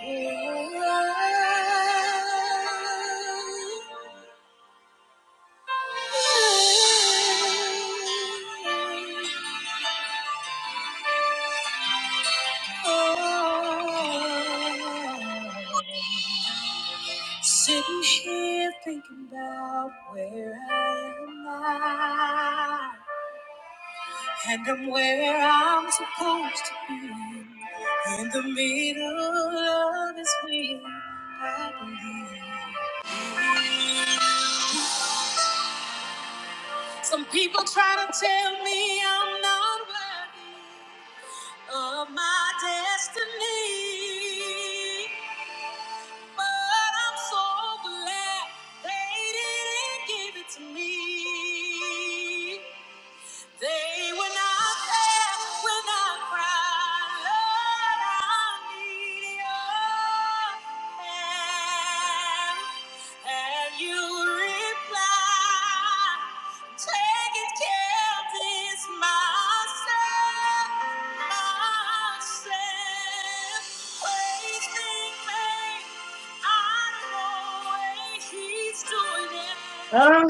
Sitting here thinking about where I am now, and I'm where I'm supposed to be in the middle of this wheel. I believe. Some people try to tell me I'm not worthy. of my destiny. But I'm so glad they didn't give it to me. They were not there when I cried, Lord, I need your hand. And you replied, taking care of this myself, myself. Wasting me, I don't know why he's doing it. Huh?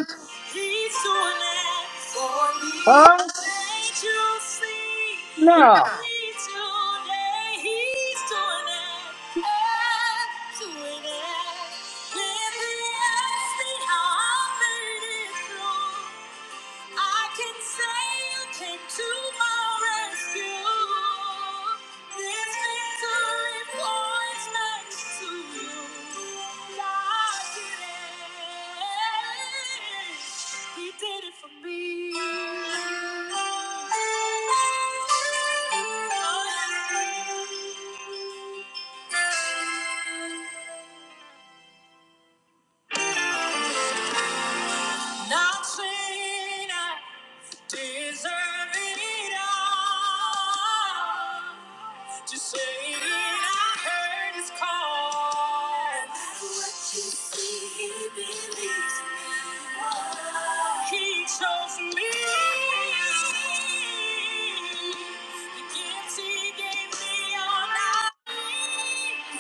He's doing it for me. Huh? Can't you see? No. Yeah. He's doing it. He's doing it. I'm doing it. Let me ask me how I made it through. I can say you came to my rescue. This victory points next to you. God did it. He did it for me. Oh, yeah. I'm Not saying I deserve it all. Just saying I heard his call. No matter what you see, he believes in me. He chose me. The gifts he gave me are not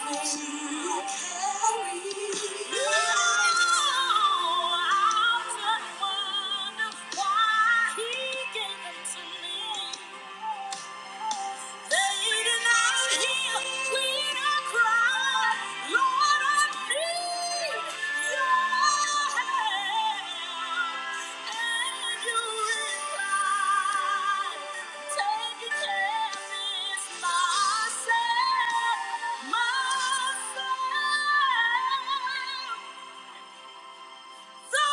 mine. to carry. Myself, myself. Thank you.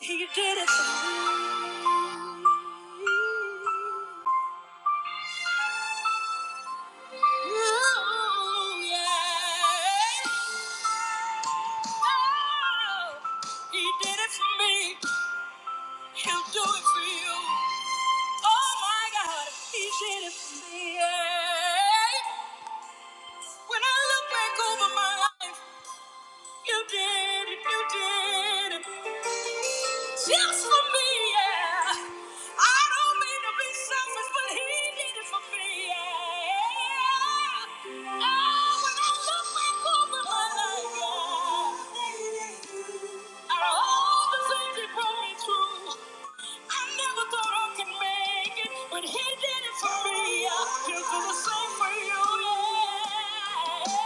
He did it for me. Ooh, yeah. Oh, he did it for me. He'll do it for you. Oh my God, he did it for me. Yeah. When I look back over my life. You did it, you did it. Just for me, yeah. I don't mean to be selfish, but he did it for me, yeah. Oh, when I look back over my life, yeah. Are all the things he brought me through. I never thought I could make it, but he did it for me. I can do the same for you. Yeah.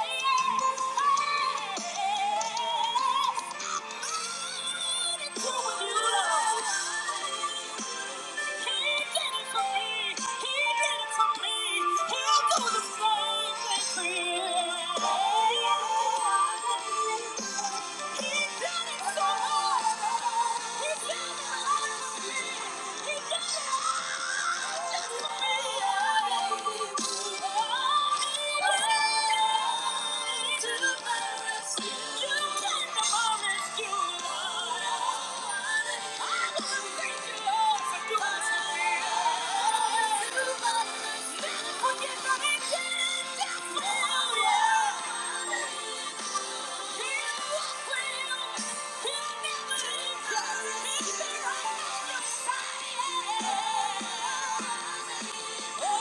I'm not a fool, you know. He did it for you won't Yeah. Yeah.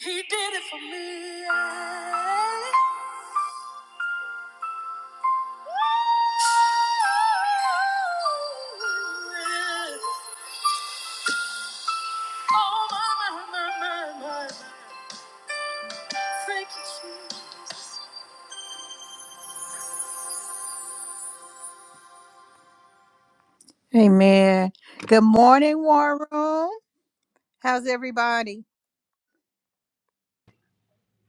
He did it for me. yeah. Amen. Good morning, War Room. How's everybody?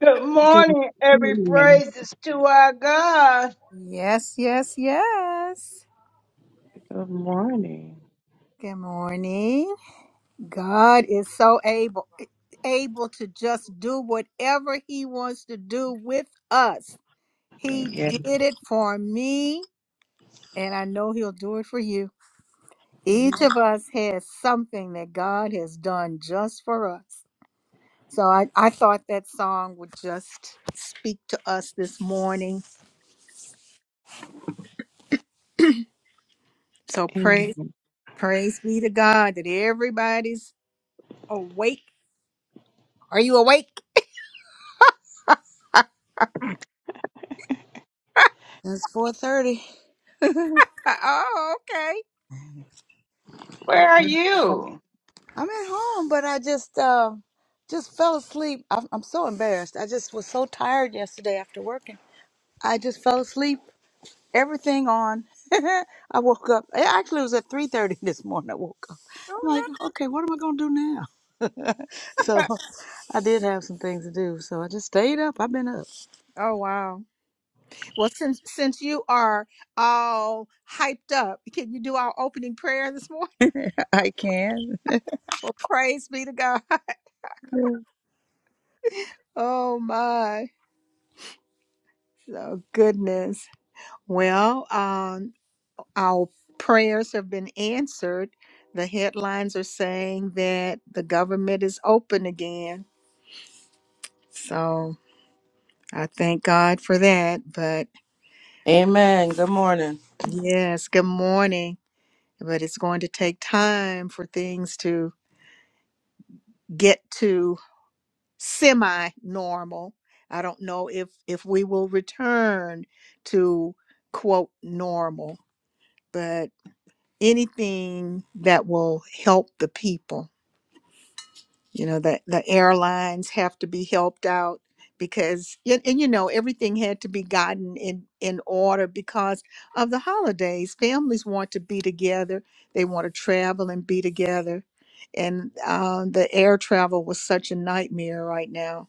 Good Good morning, every morning. praise is to our God. Yes, yes, yes. Good morning. Good morning. God is so able able to just do whatever he wants to do with us. He Amen. Yes. did it for me, and I know He'll do it for you. Each Amen. of us has something that God has done just for us. So I, I thought that song would just speak to us this morning. So praise, Amen. praise be to God that everybody's awake. Are you awake? It's four thirty. Oh, okay. Well, where are you? I'm at home, but I just uh, just fell asleep. I'm, I'm so embarrassed. I just was so tired yesterday after working. I just fell asleep. Everything on. I woke up. It actually was at three thirty this morning. I woke up. oh I'm like, okay, what am I gonna do now? so no. I did have some things to do. So I just stayed up. I've been up. Oh wow. Well, since since you are all hyped up, can you do our opening prayer this morning? I can. Well, praise be to God. Oh my. Oh goodness. Well, um, our prayers have been answered. The headlines are saying that the government is open again. So I thank God for that. But Amen. Good morning. yes, good morning. But it's going to take time for things to get to semi normal. I don't know if if we will return to quote normal, but anything that will help the people. You know, the, the airlines have to be helped out because, and, and you know, everything had to be gotten in, in order because of the holidays. Families want to be together, they want to travel and be together. And uh, the air travel was such a nightmare right now.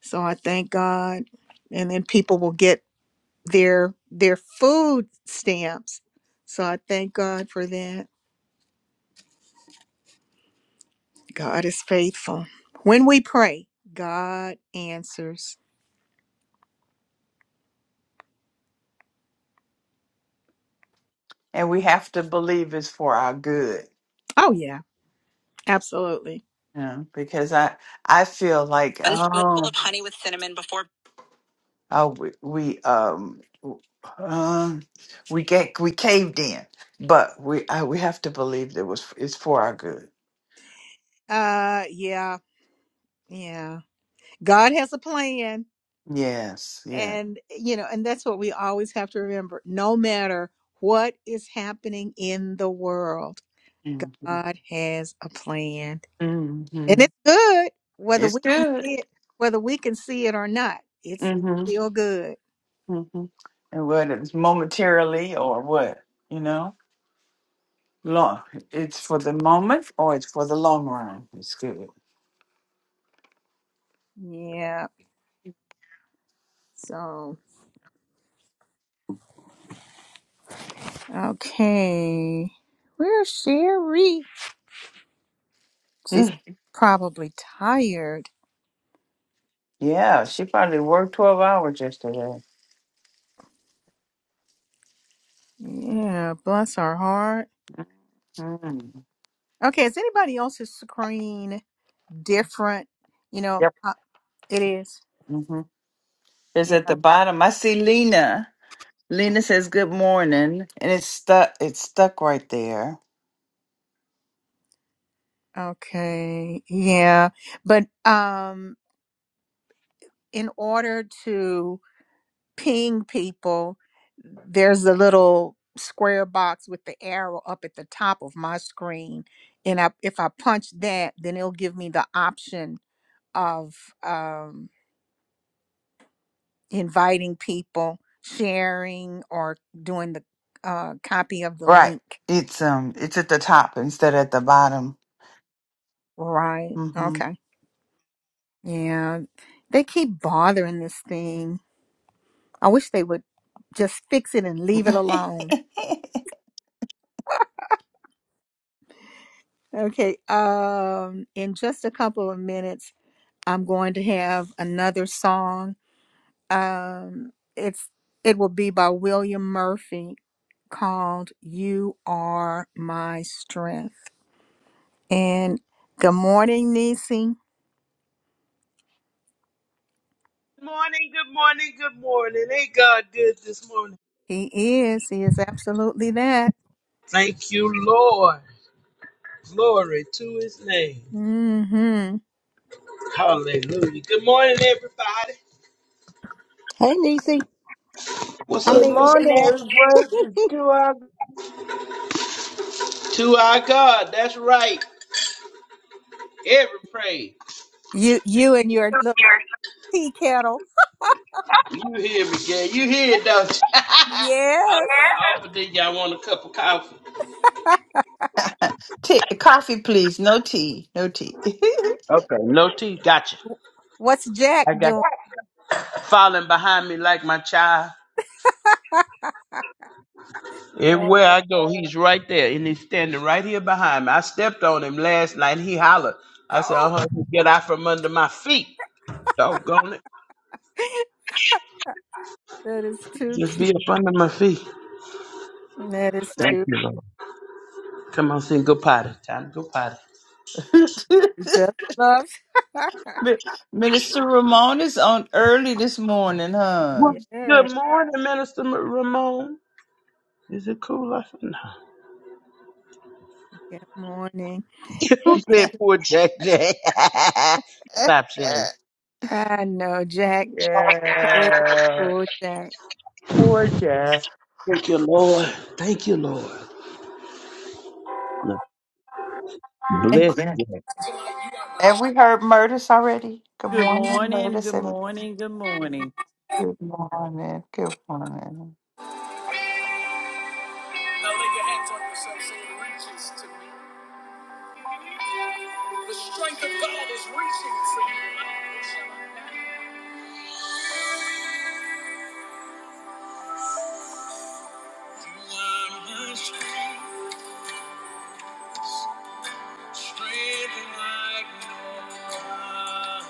So I thank God. And then people will get their their food stamps. So I thank God for that. God is faithful. When we pray, God answers. And we have to believe it's for our good, Oh yeah, absolutely. you know, because I I feel like One spoonful oh, of honey with cinnamon before. oh we, we um w- um we get we caved in, but we I, we have to believe that it was it's for our good. Uh yeah, yeah. God has a plan Yes, yeah. and you know, and that's what we always have to remember. No matter what is happening in the world, hmm God has a plan. And hmm it's good whether It's we can good. see it, whether we can see it or not. It's hmm still good. hmm And whether it's momentarily or what, you know, long it's for the moment or it's for the long run. It's good. Yeah. So Okay. Where's Sherry? She's probably tired. Yeah, she probably worked 12 hours yesterday. Yeah, bless her heart. Mm. Okay, is anybody else's screen different? You know, Yep. uh, it is. hmm It's Yeah. at the bottom. I see Lena. Lena says good morning, and it's stuck. It's stuck right there. Okay. Yeah. But um in order to ping people, there's a little square box with the arrow up at the top of my screen and I, if I punch that, then it'll give me the option of um, inviting people, sharing, or doing the uh, copy of the Right. link. It's um. It's at the top instead of at the bottom. Right. Mm-hmm. Okay. Yeah. They keep bothering this thing. I wish they would just fix it and leave it alone. Okay. Um, in just a couple of minutes, I'm going to have another song. Um, it's it will be by William Murphy called You Are My Strength. And good morning, Nisi. Good morning, good morning, good morning. Ain't God good this morning? He is. He is absolutely that. Thank you, Lord. Glory to his name. Mm-hmm. Hallelujah. Good morning, everybody. Hey, Niecy. I Good mean, morning, Jeanette. every praise is to our God. To our God, that's right. Every praise. You you and your little tea kettle. You hear me, Gay. You hear it, don't you? I Yes. offered that y'all want a cup of coffee. tea, coffee, please. No tea. No tea. Okay, no tea. Gotcha. What's Jack I got doing? falling behind me like my child. Everywhere Uh, I go, he's right there, and he's standing right here behind me. I stepped on him last night. He hollered. I said, "Uh oh, huh, get out from under my feet." Doggone it! that is too Just be cute. up under my feet. That is Thank too you, Lord. Come on, sing. Go potty. Time to go potty. cute. Just love. Mi- Minister Ramon is on early this morning, huh? Well, yeah. good morning, Minister Ma- Ramon. Is it cool? I said, no. Good morning. Who said poor JJ? Stop saying. I know, Jack. Poor, yeah. poor Jack. Poor Jack. Thank you, Lord. Thank you, Lord. No. Bless Jack. Come on, you got Have this. we heard Murtis already? Good Good morning, morning, Murtis, good and morning, good morning. good morning, good morning. you your hands on yourself, say, "Reaches to the strength of God is Strength like no one,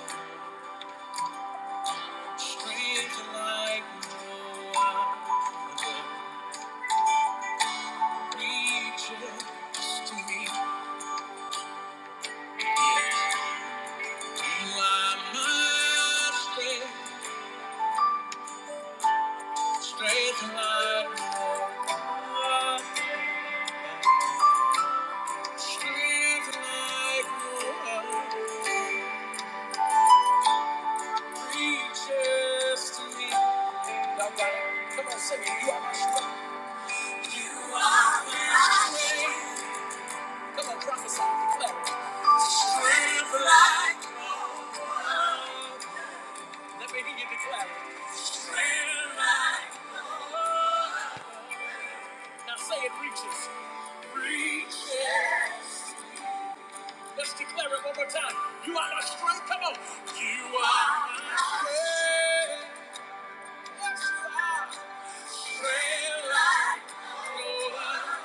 strength like no one that reaches to me. You are my strength, strength like no one, strength like no one that reaches to me. Now, God, come on, sing it. You are my strength. You are my strength. Come on, prophesy, declare it. Strength like Let me hear you declare it. Now say it reaches. Reaches. Let's declare it one more time. You are my strength. Come on. You are my strength. Yes, you are. Strength like no other.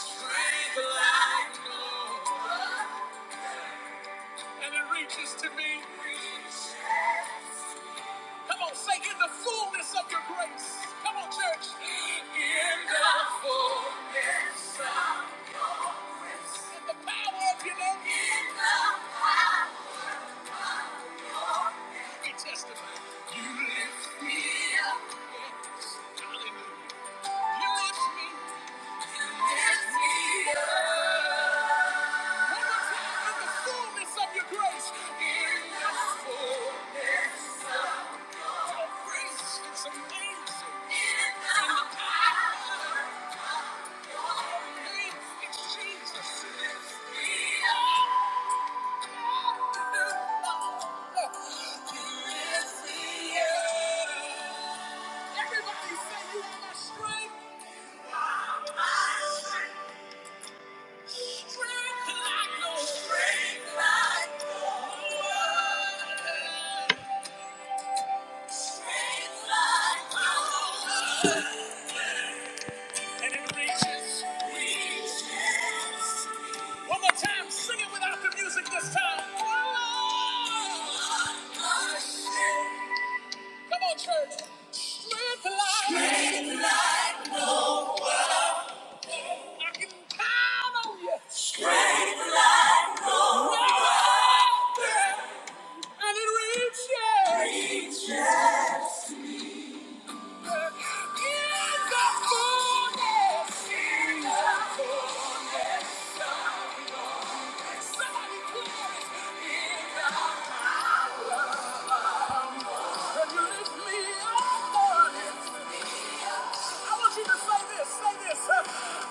Strength like no other. And it reaches to me. Reaches. Come on, say in the fullness of your grace. Come on, church. In the fullness of your grace. In the power of your name. In the power of your name. We testify. You lift me up. Hallelujah. You lift me. You lift me up in the fullness of your grace. In the fullness of your grace. It's amazing. In the power of your name. It's Jesus. It's the He Everybody say you are my strength. Strength like no like no other. Strength like no other. And it reaches. Reaches. One more time, sing it without the music this time. Come on, church. Strength like, Strength like no other. Say this, say this.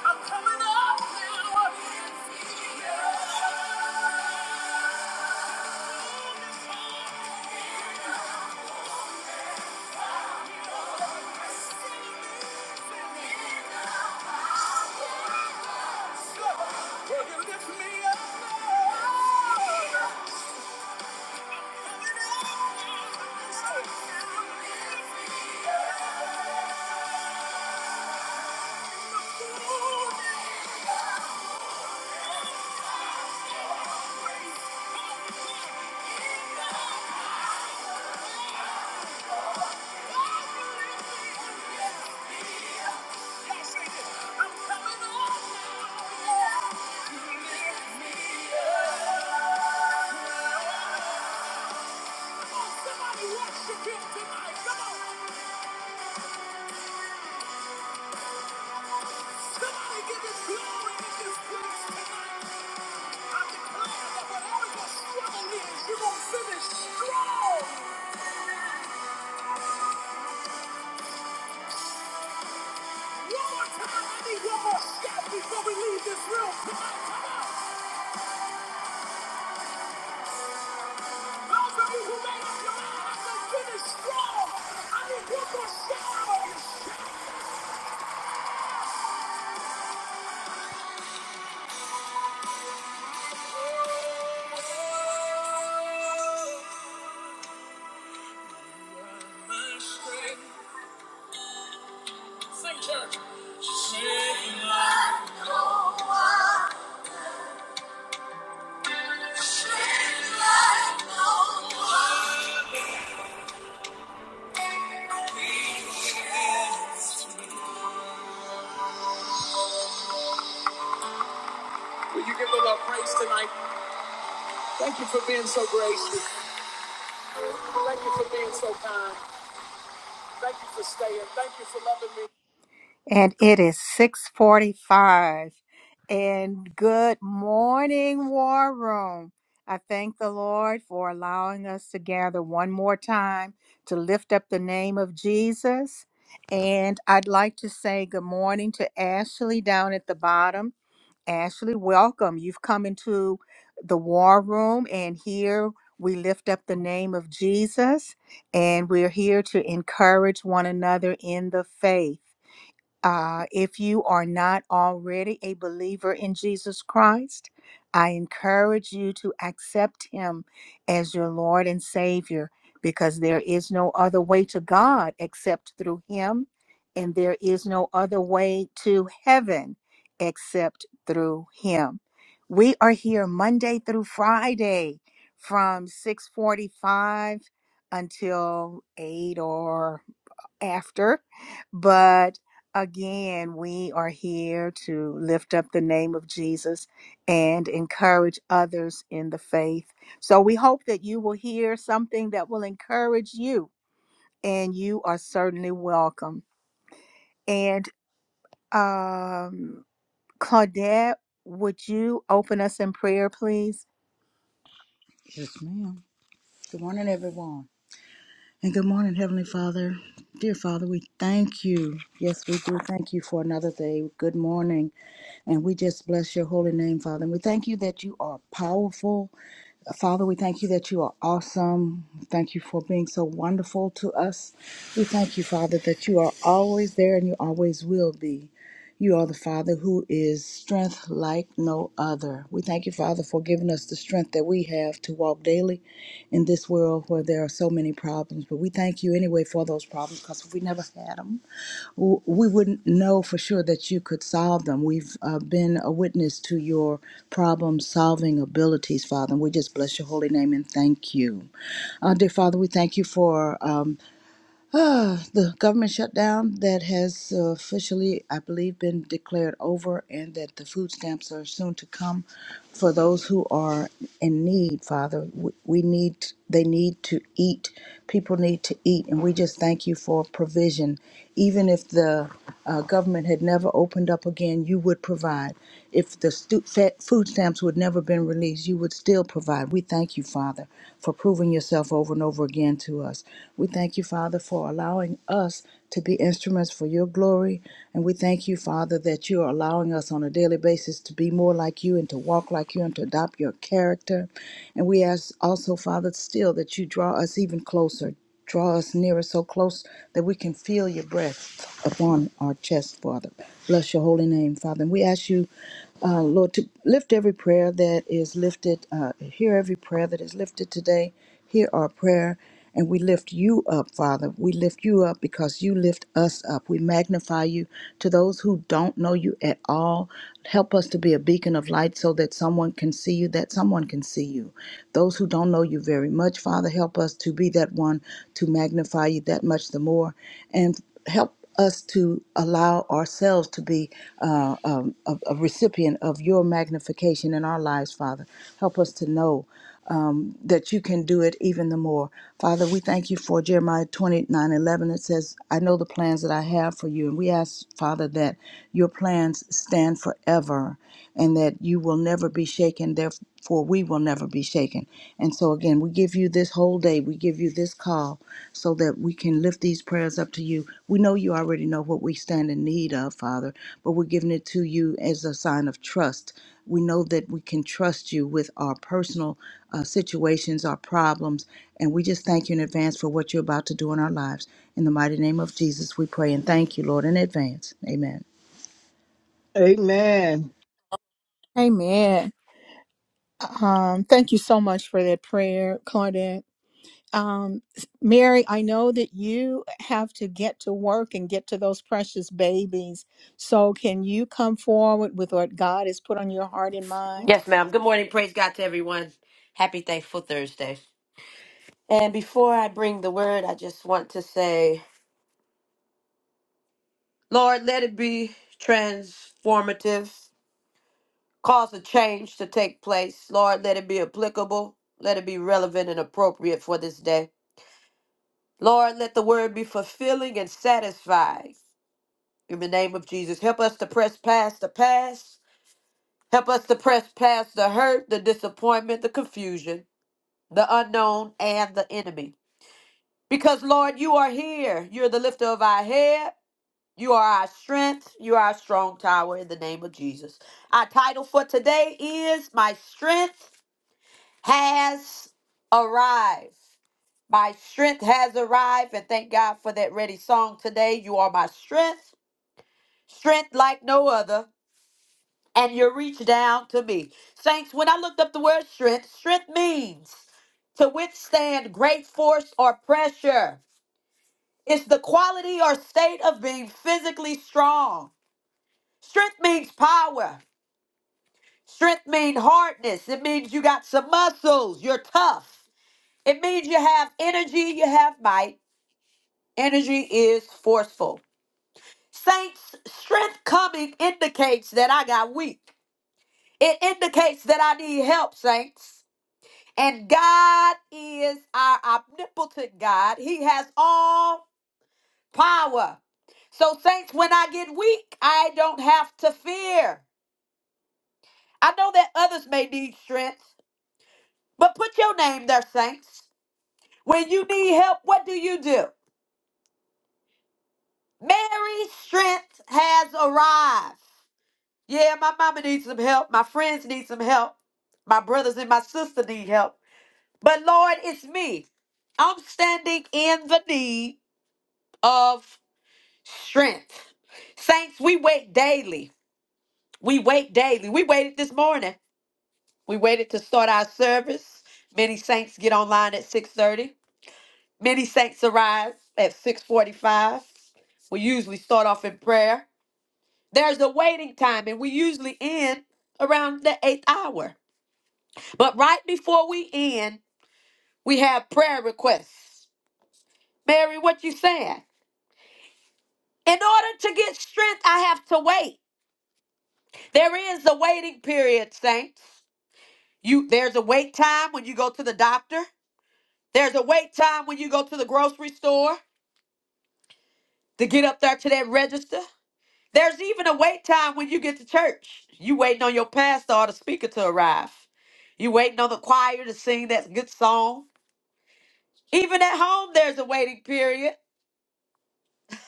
I'm coming up now. Somebody worship tonight. Come on. Somebody on, come on. Those like no like no you give the Lord praise tonight? Thank you for being so gracious. Thank you for being so kind. Thank you for staying. Thank you for loving. me. And it is 645. And good morning, War Room. I thank the Lord for allowing us to gather one more time to lift up the name of Jesus. And I'd like to say good morning to Ashley down at the bottom. Ashley, welcome. You've come into the war room, and here we lift up the name of Jesus, and we're here to encourage one another in the faith. Uh, if you are not already a believer in Jesus Christ, I encourage you to accept him as your Lord and Savior because there is no other way to God except through him, and there is no other way to heaven except through him. We are here Monday through Friday from 6:45 until 8 or after. But again, we are here to lift up the name of Jesus and encourage others in the faith. So we hope that you will hear something that will encourage you, and you are certainly welcome. And um, Claudette, would you open us in prayer, please? Yes, ma'am. Good morning, everyone. And good morning, Heavenly Father. Dear Father, we thank you. Yes, we do thank you for another day. Good morning. And we just bless your holy name, Father. And we thank you that you are powerful. Father, we thank you that you are awesome. Thank you for being so wonderful to us. We thank you, Father, that you are always there and you always will be. You are the Father who is strength like no other. We thank you, Father, for giving us the strength that we have to walk daily in this world where there are so many problems. But we thank you anyway for those problems because we never had them w- we wouldn't know for sure that you could solve them. We've uh, been a witness to your problem solving abilities, Father, and we just bless your holy name and thank you. Uh, dear Father, we thank you for. um, Uh, the government shutdown that has uh, officially, I believe, been declared over, and that the food stamps are soon to come for those who are in need. Father, we, we need, they need to eat. People need to eat, and we just thank you for provision. Even if the uh, government had never opened up again, you would provide. If the stu- fa- food stamps would never been released, you would still provide. We thank you, Father, for proving yourself over and over again to us to us. We thank you, Father, for allowing us to be instruments for your glory. And we thank you, Father, that you are allowing us on a daily basis to be more like you and to walk like you and to adopt your character. And we ask also, Father, still that you draw us even closer. Draw us nearer, so close that we can feel your breath upon our chest, Father. Bless your holy name, Father. And we ask you, uh, Lord, to lift every prayer that is lifted, uh, hear every prayer that is lifted today, hear our prayer. And we lift you up, Father. We lift you up because you lift us up. We magnify you to those who don't know you at all. Help us to be a beacon of light so that someone can see you, that someone can see you. Those who don't know you very much, Father, help us to be that one to magnify you that much the more. And help us to allow ourselves to be uh, um, a, a recipient of your magnification in our lives, Father. Help us to know that you can do it even the more. Father, we thank you for Jeremiah 29 11. It says, I know the plans that I have for you. And we ask, Father, that your plans stand forever and that you will never be shaken. Therefore, we will never be shaken. And so, again, we give you this whole day. We give you this call so that we can and lift these prayers up to you. We know you already know what we stand in need of, Father, but we're giving it to you as a sign of trust. We know that we can trust you with our personal uh, situations, our problems, and we just thank you in advance for what you're about to do in our lives. In the mighty name of Jesus, we pray and thank you, Lord, in advance. Amen. Amen. Amen. Um, thank you so much for that prayer, Claudette. Um, Mary, I know that you have to get to work and get to those precious babies. So, can you come forward with what God has put on your heart and mind? Yes, ma'am. Good morning. Praise God to everyone. Happy Thankful Thursday. And before I bring the word, I just want to say, Lord, let it be transformative. Cause a change to take place. Lord, let it be applicable. Let it be relevant and appropriate for this day. Lord, let the word be fulfilling and satisfying. In the name of Jesus, help us to press past the past. Help us to press past the hurt, the disappointment, the confusion, the unknown, and the enemy. Because, Lord, you are here. You're the lifter of our head. You are our strength. You are our strong tower in the name of Jesus. Our title for today is My Strength Has Arrived. My strength has arrived. And thank God for that ready song today. You are my strength, strength like no other. And you reach down to me. Saints, when I looked up the word strength, strength means to withstand great force or pressure It's the quality or state of being physically strong. Strength means power. Strength means hardness. It means you got some muscles. You're tough. It means you have energy, you have might. Energy is forceful. Saints, strength coming indicates that I got weak. It indicates that I need help, saints. And God is our omnipotent God. He has all power. So, saints, when I get weak, I don't have to fear. I know that others may need strength, but put your name there, saints. When you need help, what do you do? Mary's strength has arrived. Yeah, my mama needs some help. My friends need some help. My brothers and my sister need help. But Lord, it's me. I'm standing in the need of strength. Saints, we wait daily. We wait daily. We waited this morning. We waited to start our service. Many saints get online at 6:30. Many saints arise at 6:45. We usually start off in prayer. There's a waiting time and we usually end around the 8th hour. But right before we end, we have prayer requests. Mary, what you saying? In order to get strength, I have to wait. There is a waiting period, saints. You there's a wait time when you go to the doctor. There's a wait time when you go to the grocery store. to get up there to that register. There's even a wait time when you get to church. You waiting on your pastor or the speaker to arrive. You waiting on the choir to sing that good song. Even at home, there's a waiting period.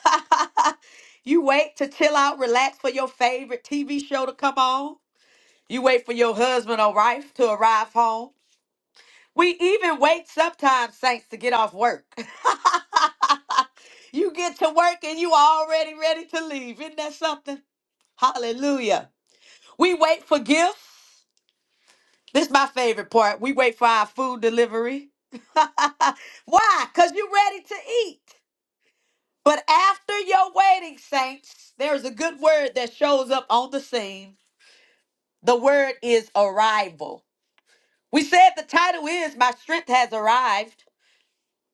you wait to chill out, relax for your favorite TV show to come on. You wait for your husband or wife to arrive home. We even wait sometimes, saints, to get off work. you get to work and you already ready to leave. Isn't that something? Hallelujah. We wait for gifts. This is my favorite part. We wait for our food delivery. Why? Because you're ready to eat. But after your waiting, saints, there's a good word that shows up on the scene. The word is arrival. We said the title is My Strength Has Arrived.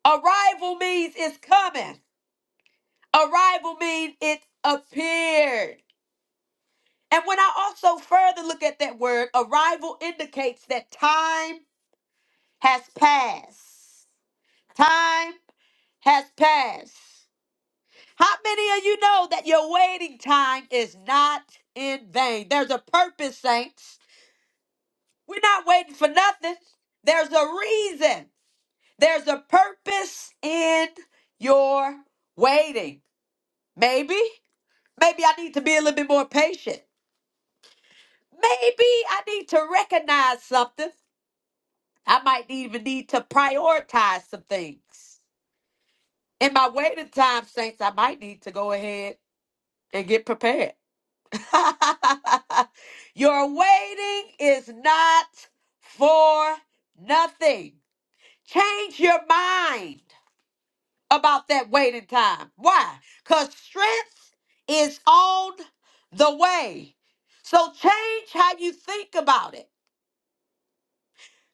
Arrival means it's coming, arrival means it appeared. And when I also further look at that word, arrival indicates that time has passed. Time has passed. How many of you know that your waiting time is not in vain? There's a purpose, saints. We're not waiting for nothing. There's a reason. There's a purpose in your waiting. Maybe, maybe I need to be a little bit more patient. Maybe I need to recognize something. I might even need to prioritize some things. In my waiting time, saints, I might need to go ahead and get prepared. Your waiting is not for nothing. Change your mind about that waiting time. Why? Because strength is on the way. So change how you think about it.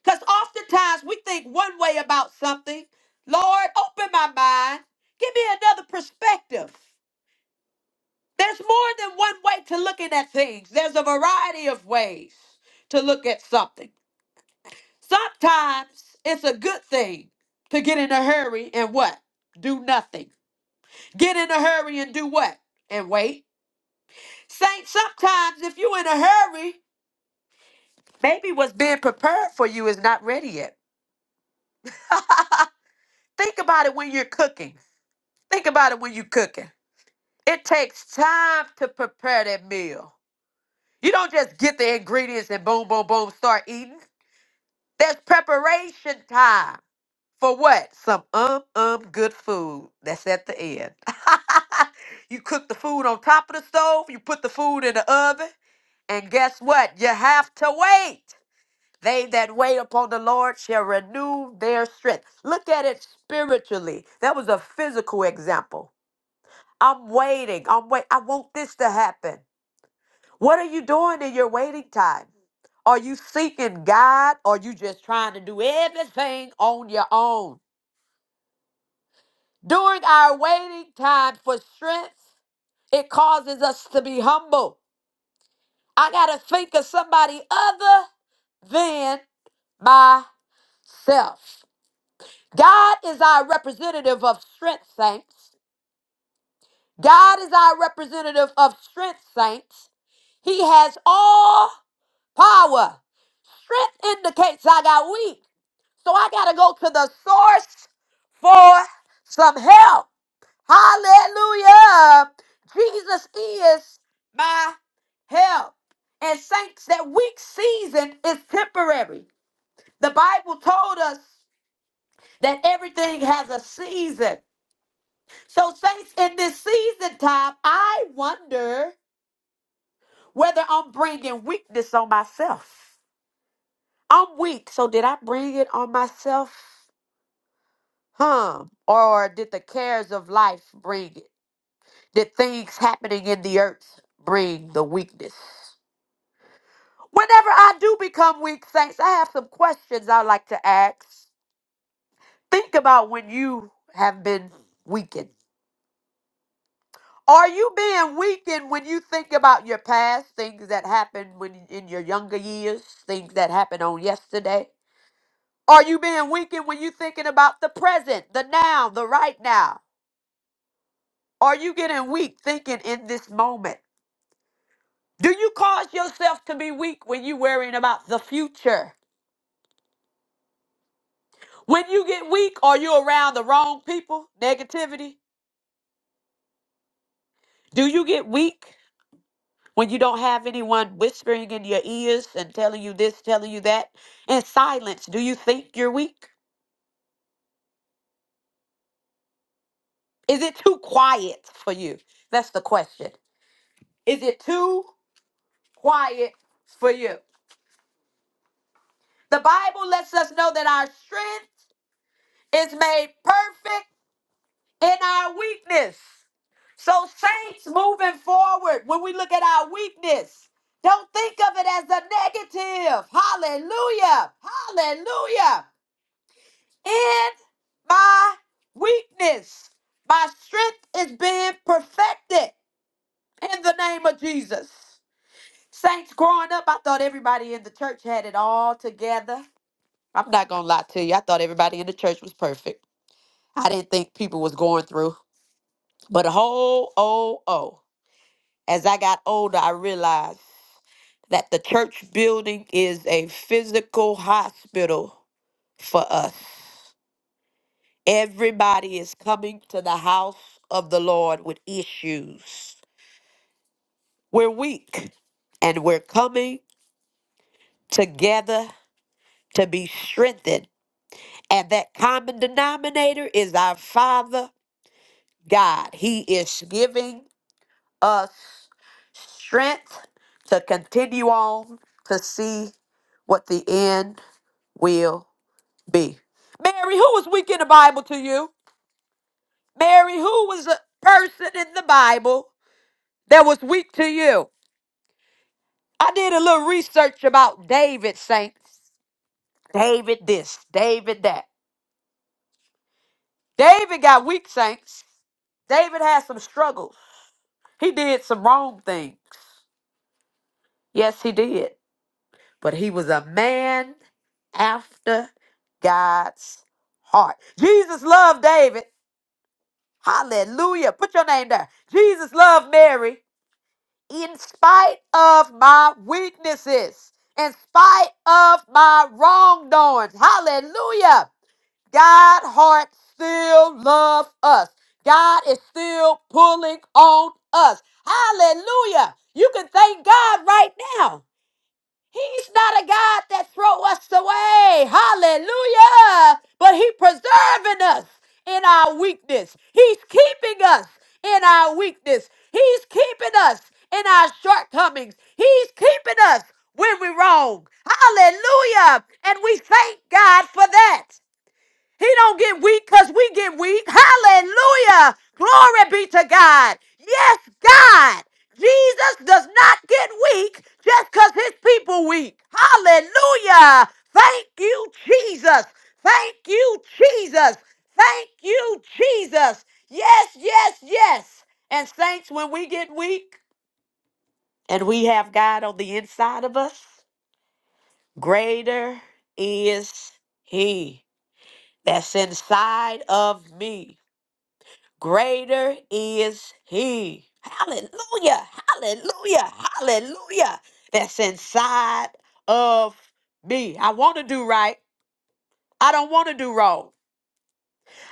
Because oftentimes we think one way about something. Lord, open my mind. Give me another perspective. There's more than one way to looking at things. There's a variety of ways to look at something. Sometimes it's a good thing to get in a hurry and what? Do nothing. Get in a hurry and do what? And wait. Saint, sometimes if you're in a hurry, maybe what's being prepared for you is not ready yet. Think about it when you're cooking. Think about it when you're cooking. It takes time to prepare that meal. You don't just get the ingredients and boom, boom, boom, start eating. There's preparation time for what? Some um um good food that's at the end. you cook the food on top of the stove, you put the food in the oven, and guess what? You have to wait. They that wait upon the Lord shall renew their strength. Look at it spiritually. That was a physical example. I'm waiting. I'm wait. I want this to happen. What are you doing in your waiting time? Are you seeking God or you just trying to do everything on your own? During our waiting time for strength, it causes us to be humble. I got to think of somebody other than myself. God is our representative of strength, saints. God is our representative of strength, saints. He has all power. Strength indicates I got weak. So I got to go to the source for some help. Hallelujah. Jesus is my help. And saints, that weak season is temporary. The Bible told us that everything has a season. So, saints, in this season time, I wonder whether I'm bringing weakness on myself. I'm weak, so did I bring it on myself? Huh? Or did the cares of life bring it? Did things happening in the earth bring the weakness? Whenever I do become weak, saints, I have some questions i like to ask. Think about when you have been weakened. Are you being weakened when you think about your past, things that happened when in your younger years, things that happened on yesterday? Are you being weakened when you thinking about the present, the now, the right now? Are you getting weak thinking in this moment? Do you cause yourself to be weak when you're worrying about the future? When you get weak, are you around the wrong people? Negativity? Do you get weak when you don't have anyone whispering in your ears and telling you this, telling you that? In silence, do you think you're weak? Is it too quiet for you? That's the question. Is it too quiet for you? The Bible lets us know that our strength is made perfect in our weakness. So, saints moving forward, when we look at our weakness, don't think of it as a negative. Hallelujah. Hallelujah. In my weakness, my strength is being perfected in the name of Jesus. Saints, growing up, I thought everybody in the church had it all together. I'm not going to lie to you. I thought everybody in the church was perfect. I didn't think people was going through. But a whole, oh, oh. As I got older, I realized that the church building is a physical hospital for us. Everybody is coming to the house of the Lord with issues. We're weak, and we're coming together to be strengthened. And that common denominator is our Father God. He is giving us strength to continue on to see what the end will B. Mary, who was weak in the Bible to you? Mary, who was a person in the Bible that was weak to you? I did a little research about David, saints. David this, David that. David got weak, saints. David had some struggles. He did some wrong things. Yes, he did. But he was a man after God's heart. Jesus loved David. Hallelujah. Put your name there. Jesus loved Mary. in spite of my weaknesses, in spite of my wrongdoings. Hallelujah. God heart still loves us. God is still pulling on us. Hallelujah. You can thank God right now. He's not a God that throw us away. Hallelujah. But he preserving us in our weakness. He's keeping us in our weakness. He's keeping us in our shortcomings. He's keeping us when we're wrong. Hallelujah. And we thank God for that. He don't get weak because we get weak. Hallelujah. Glory be to God. Yes, God. Jesus does not get weak just because his people weak. Hallelujah. Thank you, Jesus. Thank you, Jesus. Thank you, Jesus. Yes, yes, yes. And saints, when we get weak and we have God on the inside of us, greater is he that's inside of me greater is he. Hallelujah, hallelujah, hallelujah. That's inside of me. I want to do right. I don't want to do wrong.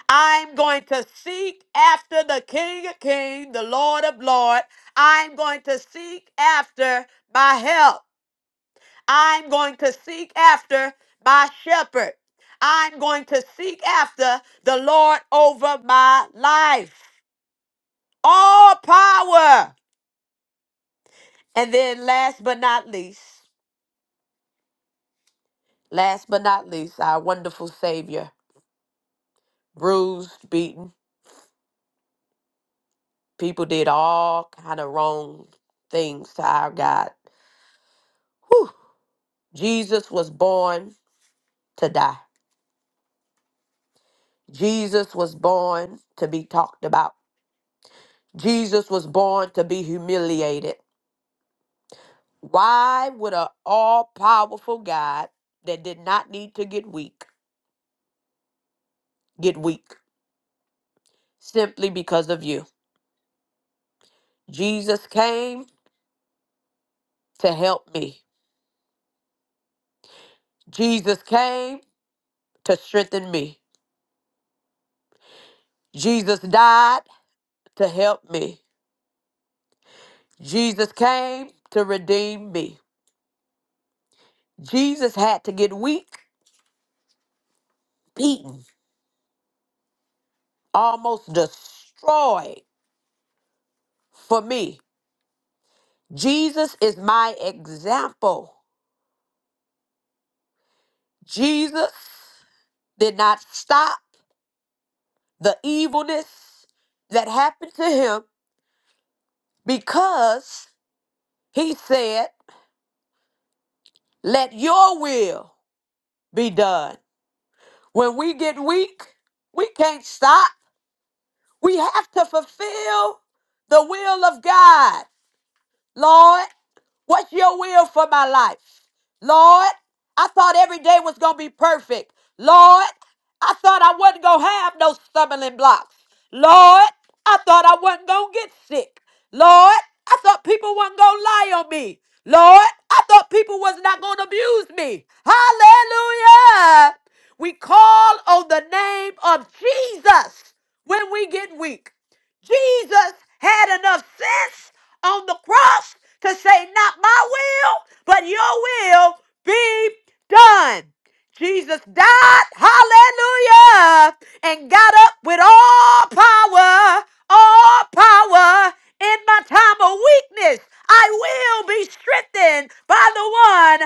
I'm going to seek after the King of Kings, the Lord of Lords. I'm going to seek after my help. I'm going to seek after my shepherd. I'm going to seek after the Lord over my life. All power. And then last but not least, last but not least, our wonderful savior, bruised, beaten, people did all kind of wrong things to our God. Jesus was born to die. Jesus was born to be talked about. Jesus was born to be humiliated. Why would an all-powerful God that did not need to get weak get weak simply because of you? Jesus came to help me. Jesus came to strengthen me. Jesus died to help me. Jesus came to redeem me. Jesus had to get weak, beaten, almost destroyed for me. Jesus is my example. Jesus did not stop the evilness that happened to him because he said, Let your will be done. When we get weak, we can't stop. We have to fulfill the will of God, Lord. What's your will for my life? Lord, I thought every day was going to be perfect. Lord, I thought I wasn't going to have no stumbling blocks. Lord, I thought I wasn't going to get sick. Lord, I thought people wasn't going to lie on me. Lord, I thought people was not going to abuse me. Hallelujah. We call on the name of Jesus when we get weak. Jesus had enough sense on the cross to say, Not my will, but your will be done. Jesus died, hallelujah, and got up with all power, all power in my time of weakness. I will be strengthened by the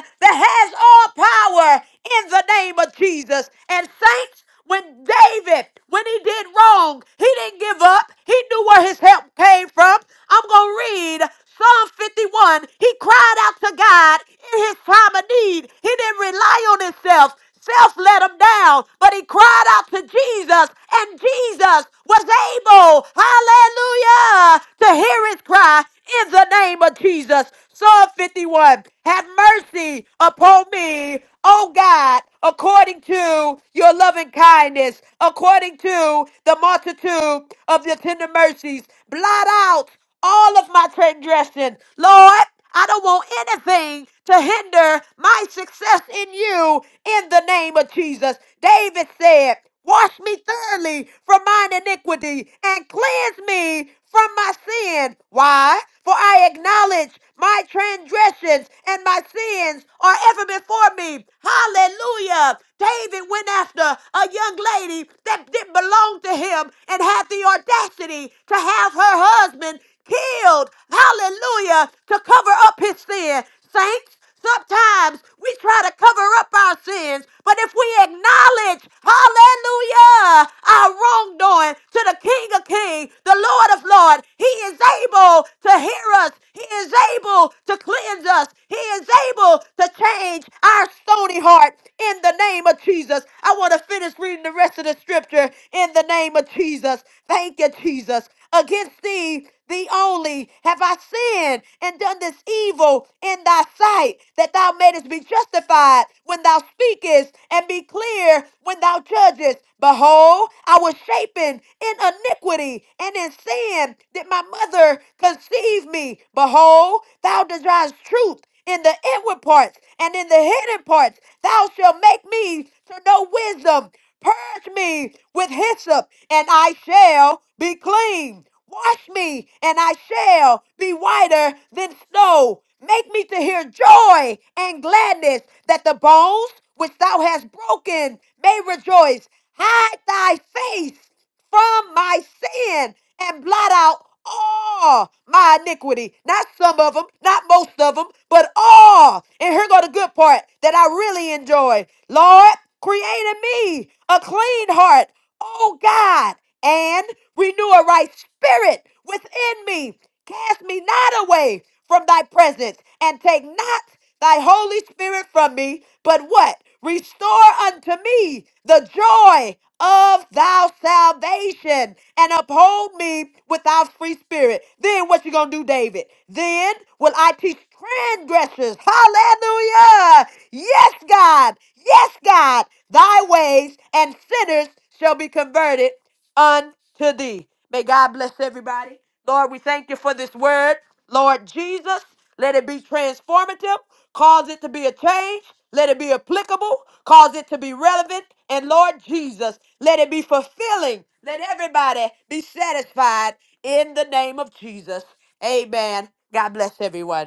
one that has all power in the name of Jesus. And saints, when David, when he did wrong, he didn't give up. He knew where his help came from. I'm going to read Psalm 51. He cried out to God in his time of need. He didn't rely on himself. Self let him down, but he cried out to Jesus, and Jesus was able, hallelujah, to hear his cry in the name of Jesus. Psalm 51, have mercy upon me, O God, according to your loving kindness, according to the multitude of your tender mercies. Blot out all of my transgression. Lord, I don't want anything to hinder my success in you in the name of Jesus. David said, Wash me thoroughly from mine iniquity and cleanse me from my sin. Why? For I acknowledge my transgressions and my sins are ever before me. Hallelujah. David went after a young lady that didn't belong to him and had the audacity to have her husband killed. Hallelujah. To cover up his sin. Saints, Sometimes we try to cover up our sins, but if we acknowledge, hallelujah, our wrongdoing to the King of Kings, the Lord of Lords, He is able to hear us. He is able to cleanse us. He is able to change our stony heart in the name of Jesus. I want to finish reading the rest of the scripture in the name of Jesus. Thank you, Jesus. Against thee, thee only, have I sinned and done this evil in thy sight, that thou mayest be justified when thou speakest and be clear when thou judgest. Behold, I was shapen in iniquity, and in sin did my mother conceive me. Behold, thou desirest truth in the inward parts and in the hidden parts. Thou shalt make me to know wisdom. Purge me with hyssop, and I shall be clean. Wash me, and I shall be whiter than snow. Make me to hear joy and gladness, that the bones which thou hast broken may rejoice. Hide thy face from my sin and blot out all my iniquity. Not some of them, not most of them, but all. And here go the good part that I really enjoy. Lord, create in me a clean heart Oh God, and renew a right spirit within me. Cast me not away from thy presence, and take not thy Holy Spirit from me, but what? Restore unto me the joy of Thy salvation and uphold me with thy free spirit. Then what you gonna do, David? Then will I teach transgressors. Hallelujah. Yes, God. Yes, God. Thy ways and sinners shall be converted unto thee. May God bless everybody. Lord, we thank you for this word. Lord Jesus, let it be transformative. Cause it to be a change. Let it be applicable. Cause it to be relevant. And Lord Jesus, let it be fulfilling. Let everybody be satisfied in the name of Jesus. Amen. God bless everyone.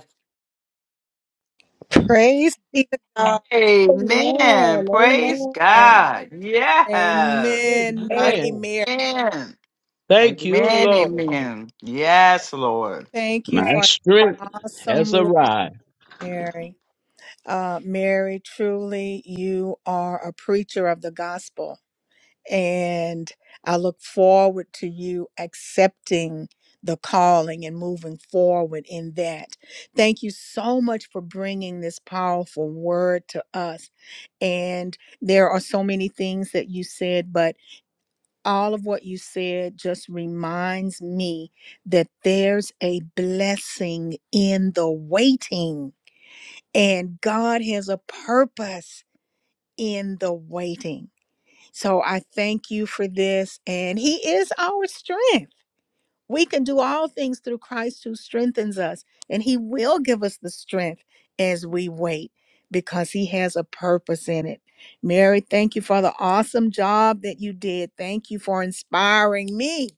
Praise be to God. Amen. Amen. Praise Amen. God. Yeah. Amen. Mighty Amen. Mary, Amen. Thank you, Amen. Lord. Amen. Yes, Lord. thank you My for strength that awesome has word, arrived. Mary. Uh, Mary, truly, you are a preacher of the gospel. And I look forward to you accepting the calling and moving forward in that. Thank you so much for bringing this powerful word to us. And there are so many things that you said, but all of what you said just reminds me that there's a blessing in the waiting, and God has a purpose in the waiting. So I thank you for this. And He is our strength. We can do all things through Christ who strengthens us. And He will give us the strength as we wait because He has a purpose in it. Mary, thank you for the awesome job that you did. Thank you for inspiring me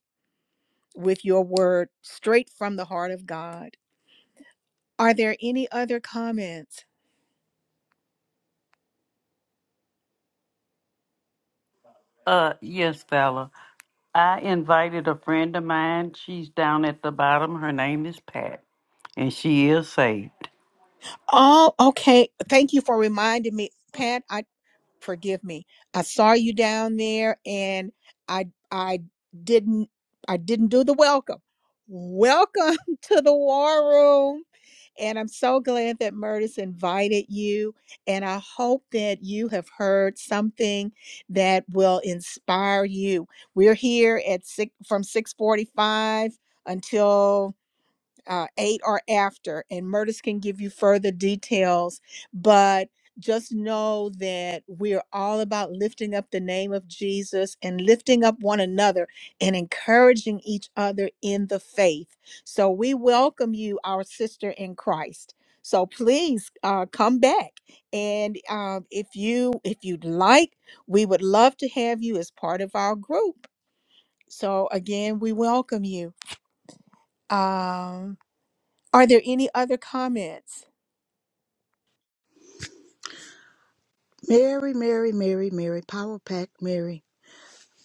with your word straight from the heart of God. Are there any other comments? Uh, yes, Bella. I invited a friend of mine. She's down at the bottom. Her name is Pat, and she is saved. Oh, okay. Thank you for reminding me, Pat. I forgive me. I saw you down there, and I I didn't I didn't do the welcome. Welcome to the war room. And I'm so glad that Murtis invited you. And I hope that you have heard something that will inspire you. We're here at six, from 645 until uh, eight or after, and Murtis can give you further details. But just know that we're all about lifting up the name of Jesus and lifting up one another and encouraging each other in the faith. So we welcome you, our sister in Christ. So please uh, come back, and um, if you if you'd like, we would love to have you as part of our group. So again, we welcome you. Um, are there any other comments? Mary, Mary, Mary, Mary, power pack, Mary.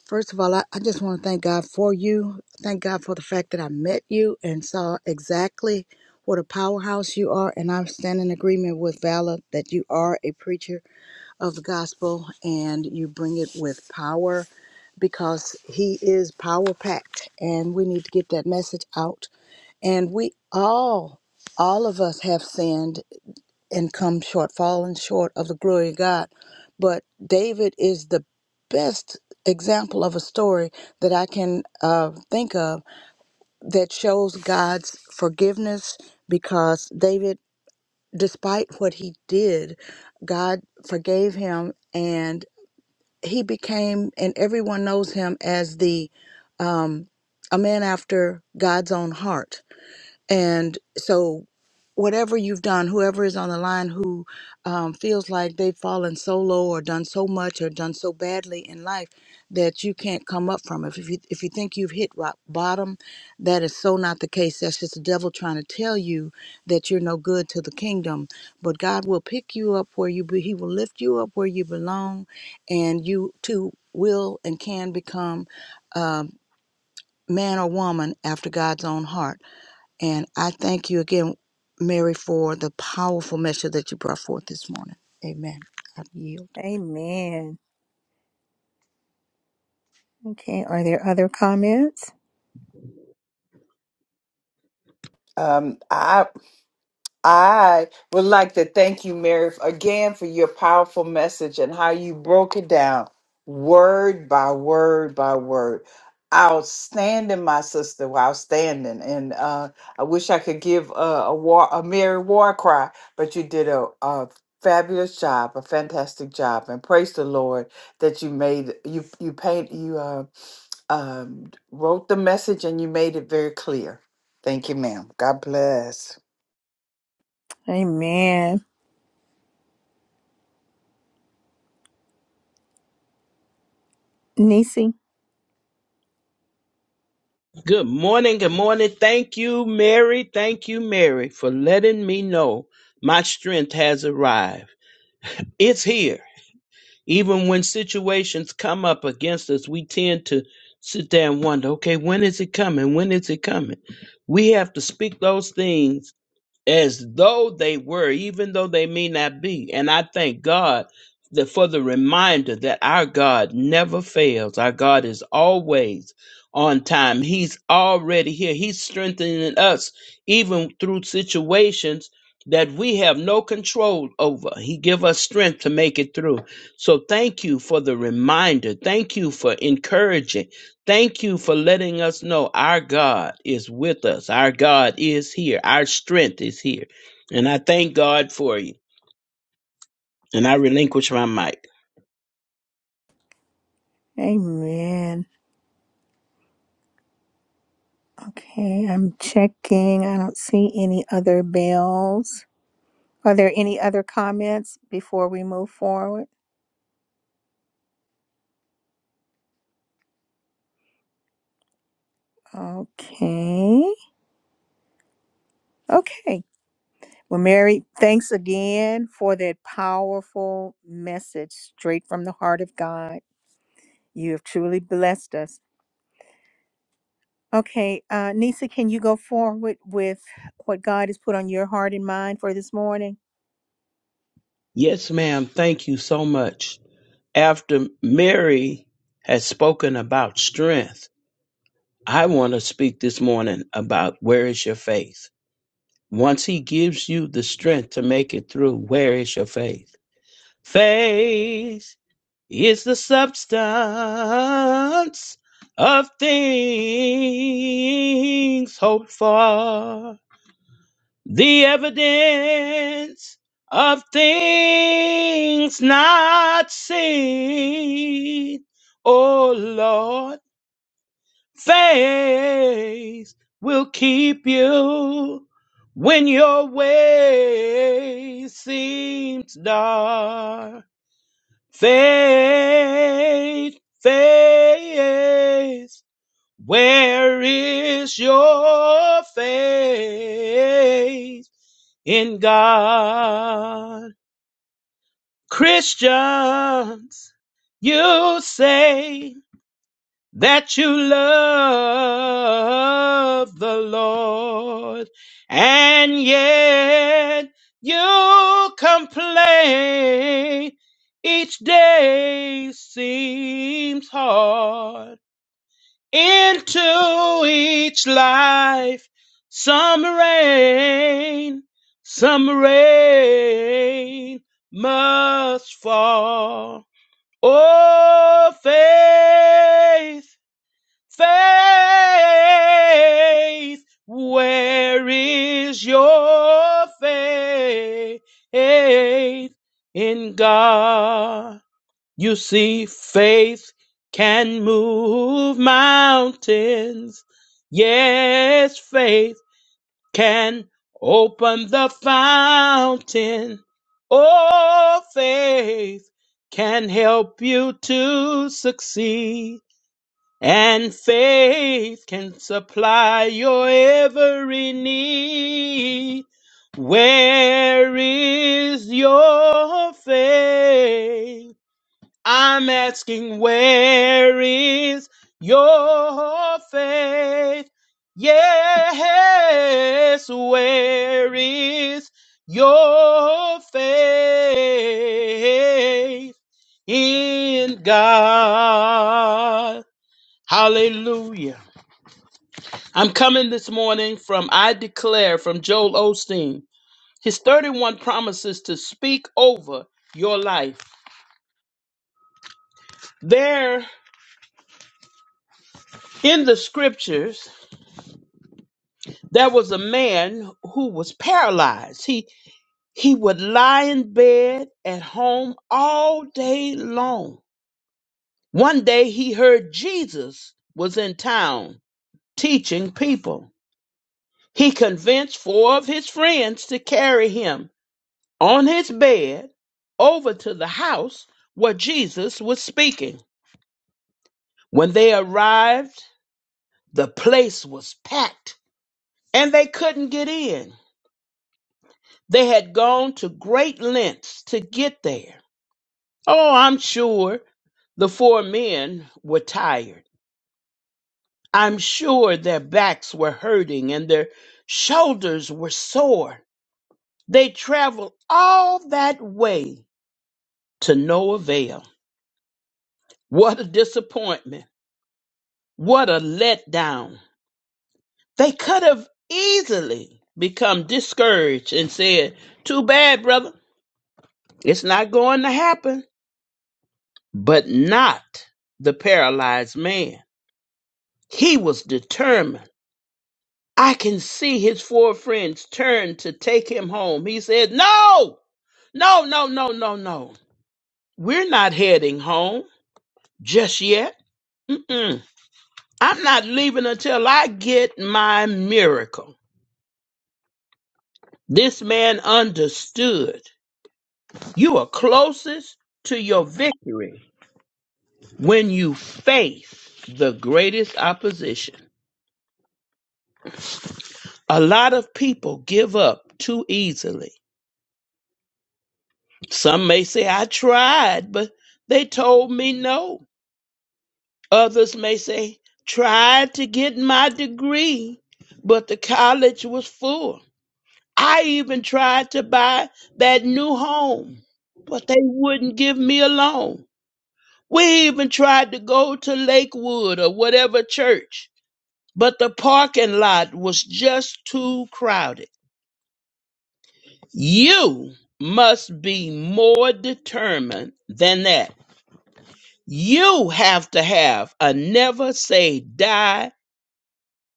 First of all, I, I just want to thank God for you. Thank God for the fact that I met you and saw exactly what a powerhouse you are. And I'm in agreement with Vala that you are a preacher of the gospel and you bring it with power because he is power packed and we need to get that message out. And we all, all of us have sinned and come short, falling short of the glory of God. But David is the best example of a story that I can uh, think of that shows God's forgiveness because David, despite what he did, God forgave him and he became, and everyone knows him as the um, a man after God's own heart and so, whatever you've done, whoever is on the line who um, feels like they've fallen so low or done so much or done so badly in life that you can't come up from it. If you, if you think you've hit rock bottom, that is so not the case. That's just the devil trying to tell you that you're no good to the kingdom. But God will pick you up where you be, He will lift you up where you belong, and you too will and can become a man or woman after God's own heart. And I thank you again, Mary, for the powerful message that you brought forth this morning. Amen. I yield. Amen. Okay, are there other comments? Um, I I would like to thank you, Mary, again for your powerful message and how you broke it down word by word by word. Outstanding, my sister, outstanding. And uh, I wish I could give a, a, war, a Mary war cry, but you did a, a fabulous job, a fantastic job. And praise the Lord that you made, you, you paint, you uh, um, wrote the message and you made it very clear. Thank you, ma'am. God bless. Amen. Nisi? Good morning. Good morning. Thank you, Mary. Thank you, Mary, for letting me know my strength has arrived. It's here. Even when situations come up against us, we tend to sit there and wonder, okay, when is it coming? When is it coming? We have to speak those things as though they were, even though they may not be. And I thank God that for the reminder that our God never fails. Our God is always on time. He's already here. He's strengthening us even through situations that we have no control over. He give us strength to make it through. So thank you for the reminder. Thank you for encouraging. Thank you for letting us know our God is with us. Our God is here. Our strength is here. And I thank God for you. And I relinquish my mic. Amen. Okay, I'm checking. I don't see any other bells. Are there any other comments before we move forward? Okay. Okay. Well, Mary, thanks again for that powerful message straight from the heart of God. You have truly blessed us. Okay, uh, Nisa, can you go forward with what God has put on your heart and mind for this morning? Yes, ma'am. Thank you so much. After Mary has spoken about strength, I want to speak this morning about where is your faith? Once he gives you the strength to make it through, where is your faith? Faith is the substance of things hoped for, the evidence of things not seen. O Lord, faith will keep you when your way seems dark. Faith, faith, where is your faith in God? Christians, you say that you love the Lord and yet you complain each day seems hard into each life some rain some rain must fall oh faith faith. Where is your faith in God? You see, faith can move mountains. Yes, faith can open the fountain. Oh, faith can help you to succeed. And faith can supply your every need. Where is your faith? I'm asking, where is your faith? Yes, where is your faith in God? Hallelujah. I'm coming this morning from I Declare from Joel Osteen. His 31 promises to speak over your life. There in the scriptures, there was a man who was paralyzed. He he would lie in bed at home all day long. One day he heard Jesus was in town teaching people. He convinced four of his friends to carry him on his bed over to the house where Jesus was speaking. When they arrived, the place was packed and they couldn't get in. They had gone to great lengths to get there. Oh, I'm sure the four men were tired. I'm sure their backs were hurting and their shoulders were sore. They traveled all that way to no avail. What a disappointment What a letdown. They could have easily become discouraged and said, Too bad, brother. It's not going to happen. But not the paralyzed man. He was determined. I can see his four friends turn to take him home. He said, No, no, no, no, no, no. We're not heading home just yet. Mm-mm. I'm not leaving until I get my miracle. This man understood you are closest to your victory when you face the greatest opposition. A lot of people give up too easily. Some may say, I tried, but they told me no. Others may say, tried to get my degree, but the college was full. I even tried to buy that new home, but they wouldn't give me a loan. We even tried to go to Lakewood or whatever church, but the parking lot was just too crowded. You must be more determined than that. You have to have a never say die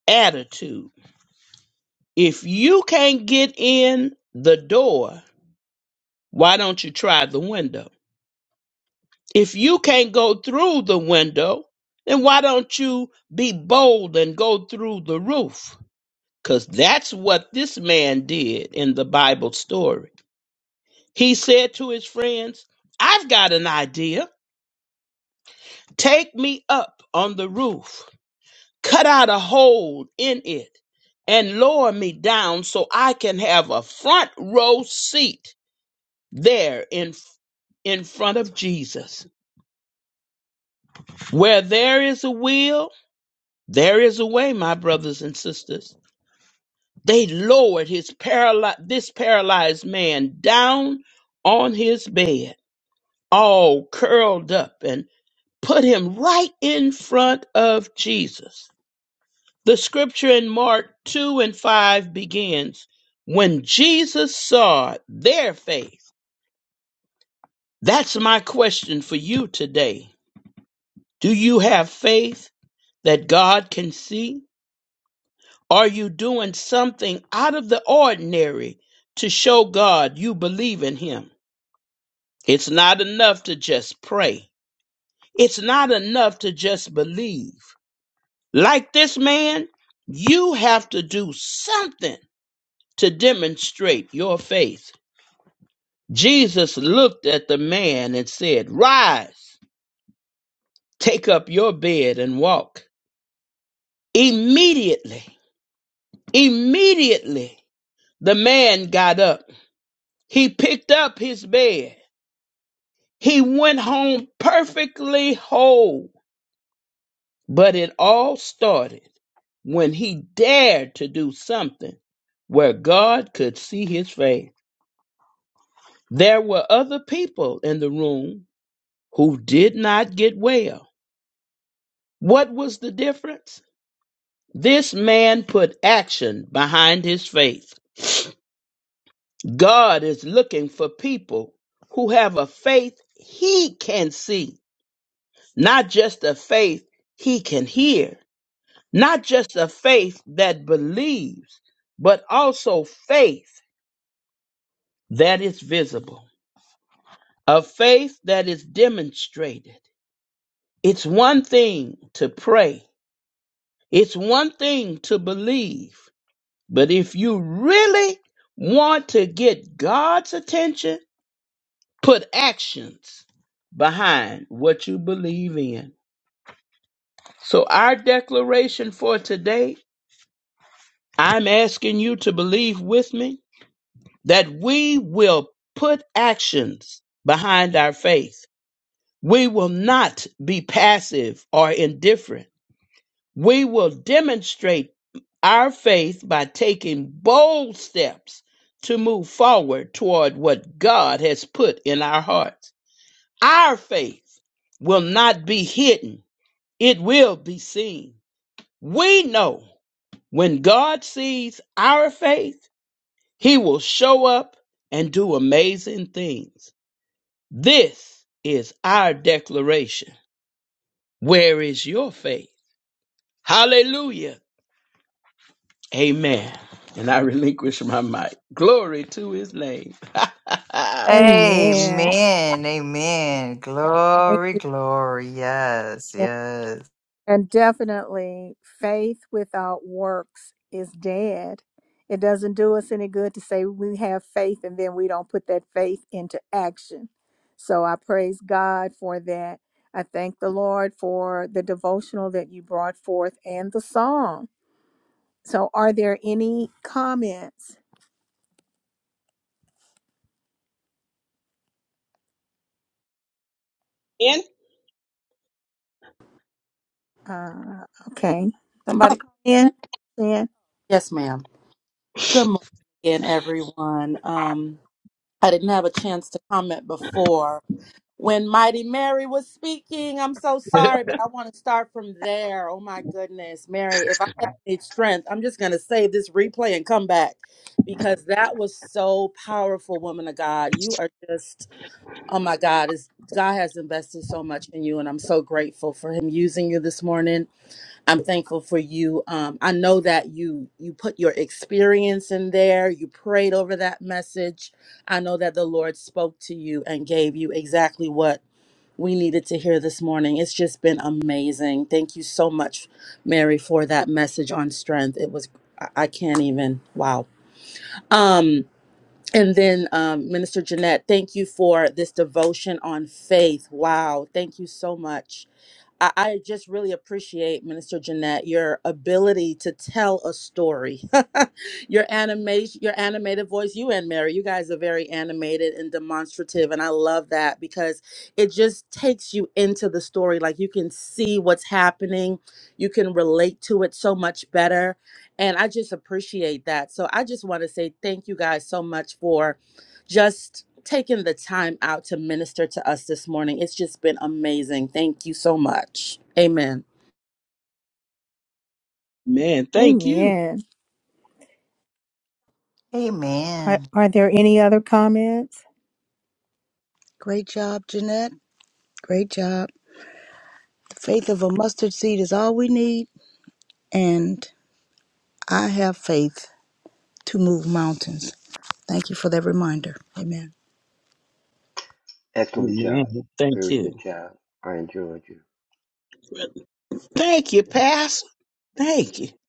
attitude. If you can't get in the door, why don't you try the window? If you can't go through the window, then why don't you be bold and go through the roof? Because that's what this man did in the Bible story. He said to his friends, I've got an idea. Take me up on the roof, cut out a hole in it, and lower me down so I can have a front row seat there in, in front of Jesus. Where there is a will, there is a way, my brothers and sisters. They lowered his paraly- this paralyzed man down on his bed all curled up and put him right in front of Jesus. The scripture in Mark 2 and 5 begins When Jesus saw their faith, that's my question for you today. Do you have faith that God can see? Are you doing something out of the ordinary to show God you believe in Him? It's not enough to just pray. It's not enough to just believe. Like this man, you have to do something to demonstrate your faith. Jesus looked at the man and said, Rise, take up your bed and walk. Immediately, immediately, the man got up. He picked up his bed. He went home perfectly whole. But it all started when he dared to do something where God could see his face. There were other people in the room who did not get well. What was the difference? This man put action behind his faith. God is looking for people who have a faith he can see, not just a faith he can hear, not just a faith that believes, but also faith that is visible, a faith that is demonstrated. It's one thing to pray It's one thing to believe, but if you really want to get God's attention, put actions behind what you believe in. So, our declaration for today I'm asking you to believe with me that we will put actions behind our faith. We will not be passive or indifferent We will demonstrate our faith by taking bold steps to move forward toward what God has put in our hearts. Our faith will not be hidden, it will be seen. We know when God sees our faith, he will show up and do amazing things. This is our declaration. Where is your faith? Hallelujah. Amen. And I relinquish my mic. Glory to his name. Amen. Amen. Amen. Thank Glory, you. glory. Yes, Jen. yes. And definitely, faith without works is dead. It doesn't do us any good to say we have faith and then we don't put that faith into action. So I praise God for that. I thank the Lord for the devotional that you brought forth and the song. So, are there any comments? And Uh, okay. Oh, Somebody call my Sin. name? Sin. Yes, ma'am. Good morning again, everyone. Um, I didn't have a chance to comment before when Mighty Mary was speaking. I'm so sorry, but I want to start from there. Oh my goodness, Mary, if I ever need strength, I'm just gonna save this replay and come back because that was so powerful, woman of God. You are just oh my God, is God has invested so much in you, and I'm so grateful for Him using you this morning I'm thankful for you. Um, I know that you you put your experience in there. You prayed over that message. I know that the Lord spoke to you and gave you exactly what we needed to hear this morning. It's just been amazing. Thank you so much, Mary, for that message on strength. It was I I can't even wow. Um, and then um, Minister Jeanette, thank you for this devotion on faith. Wow, thank you so much I, I just really appreciate, Minister Jeanette, your ability to tell a story. your animation, your animated voice, you and Mary, you guys are very animated and demonstrative. And I love that because it just takes you into the story. Like you can see what's happening, you can relate to it so much better. And I just appreciate that. So I just want to say thank you guys so much for just taking the time out to minister to us this morning. It's just been amazing. Thank you so much. Amen. Man, thank you. Amen. Are, Amen. are there any other comments? Great job, Jeanette. Great job. The faith of a mustard seed is all we need. And I have faith to move mountains. Thank you for that reminder. Amen. Excellent Amen. job. Thank Very good you. job. I enjoyed you. Thank you, Pastor. Thank you.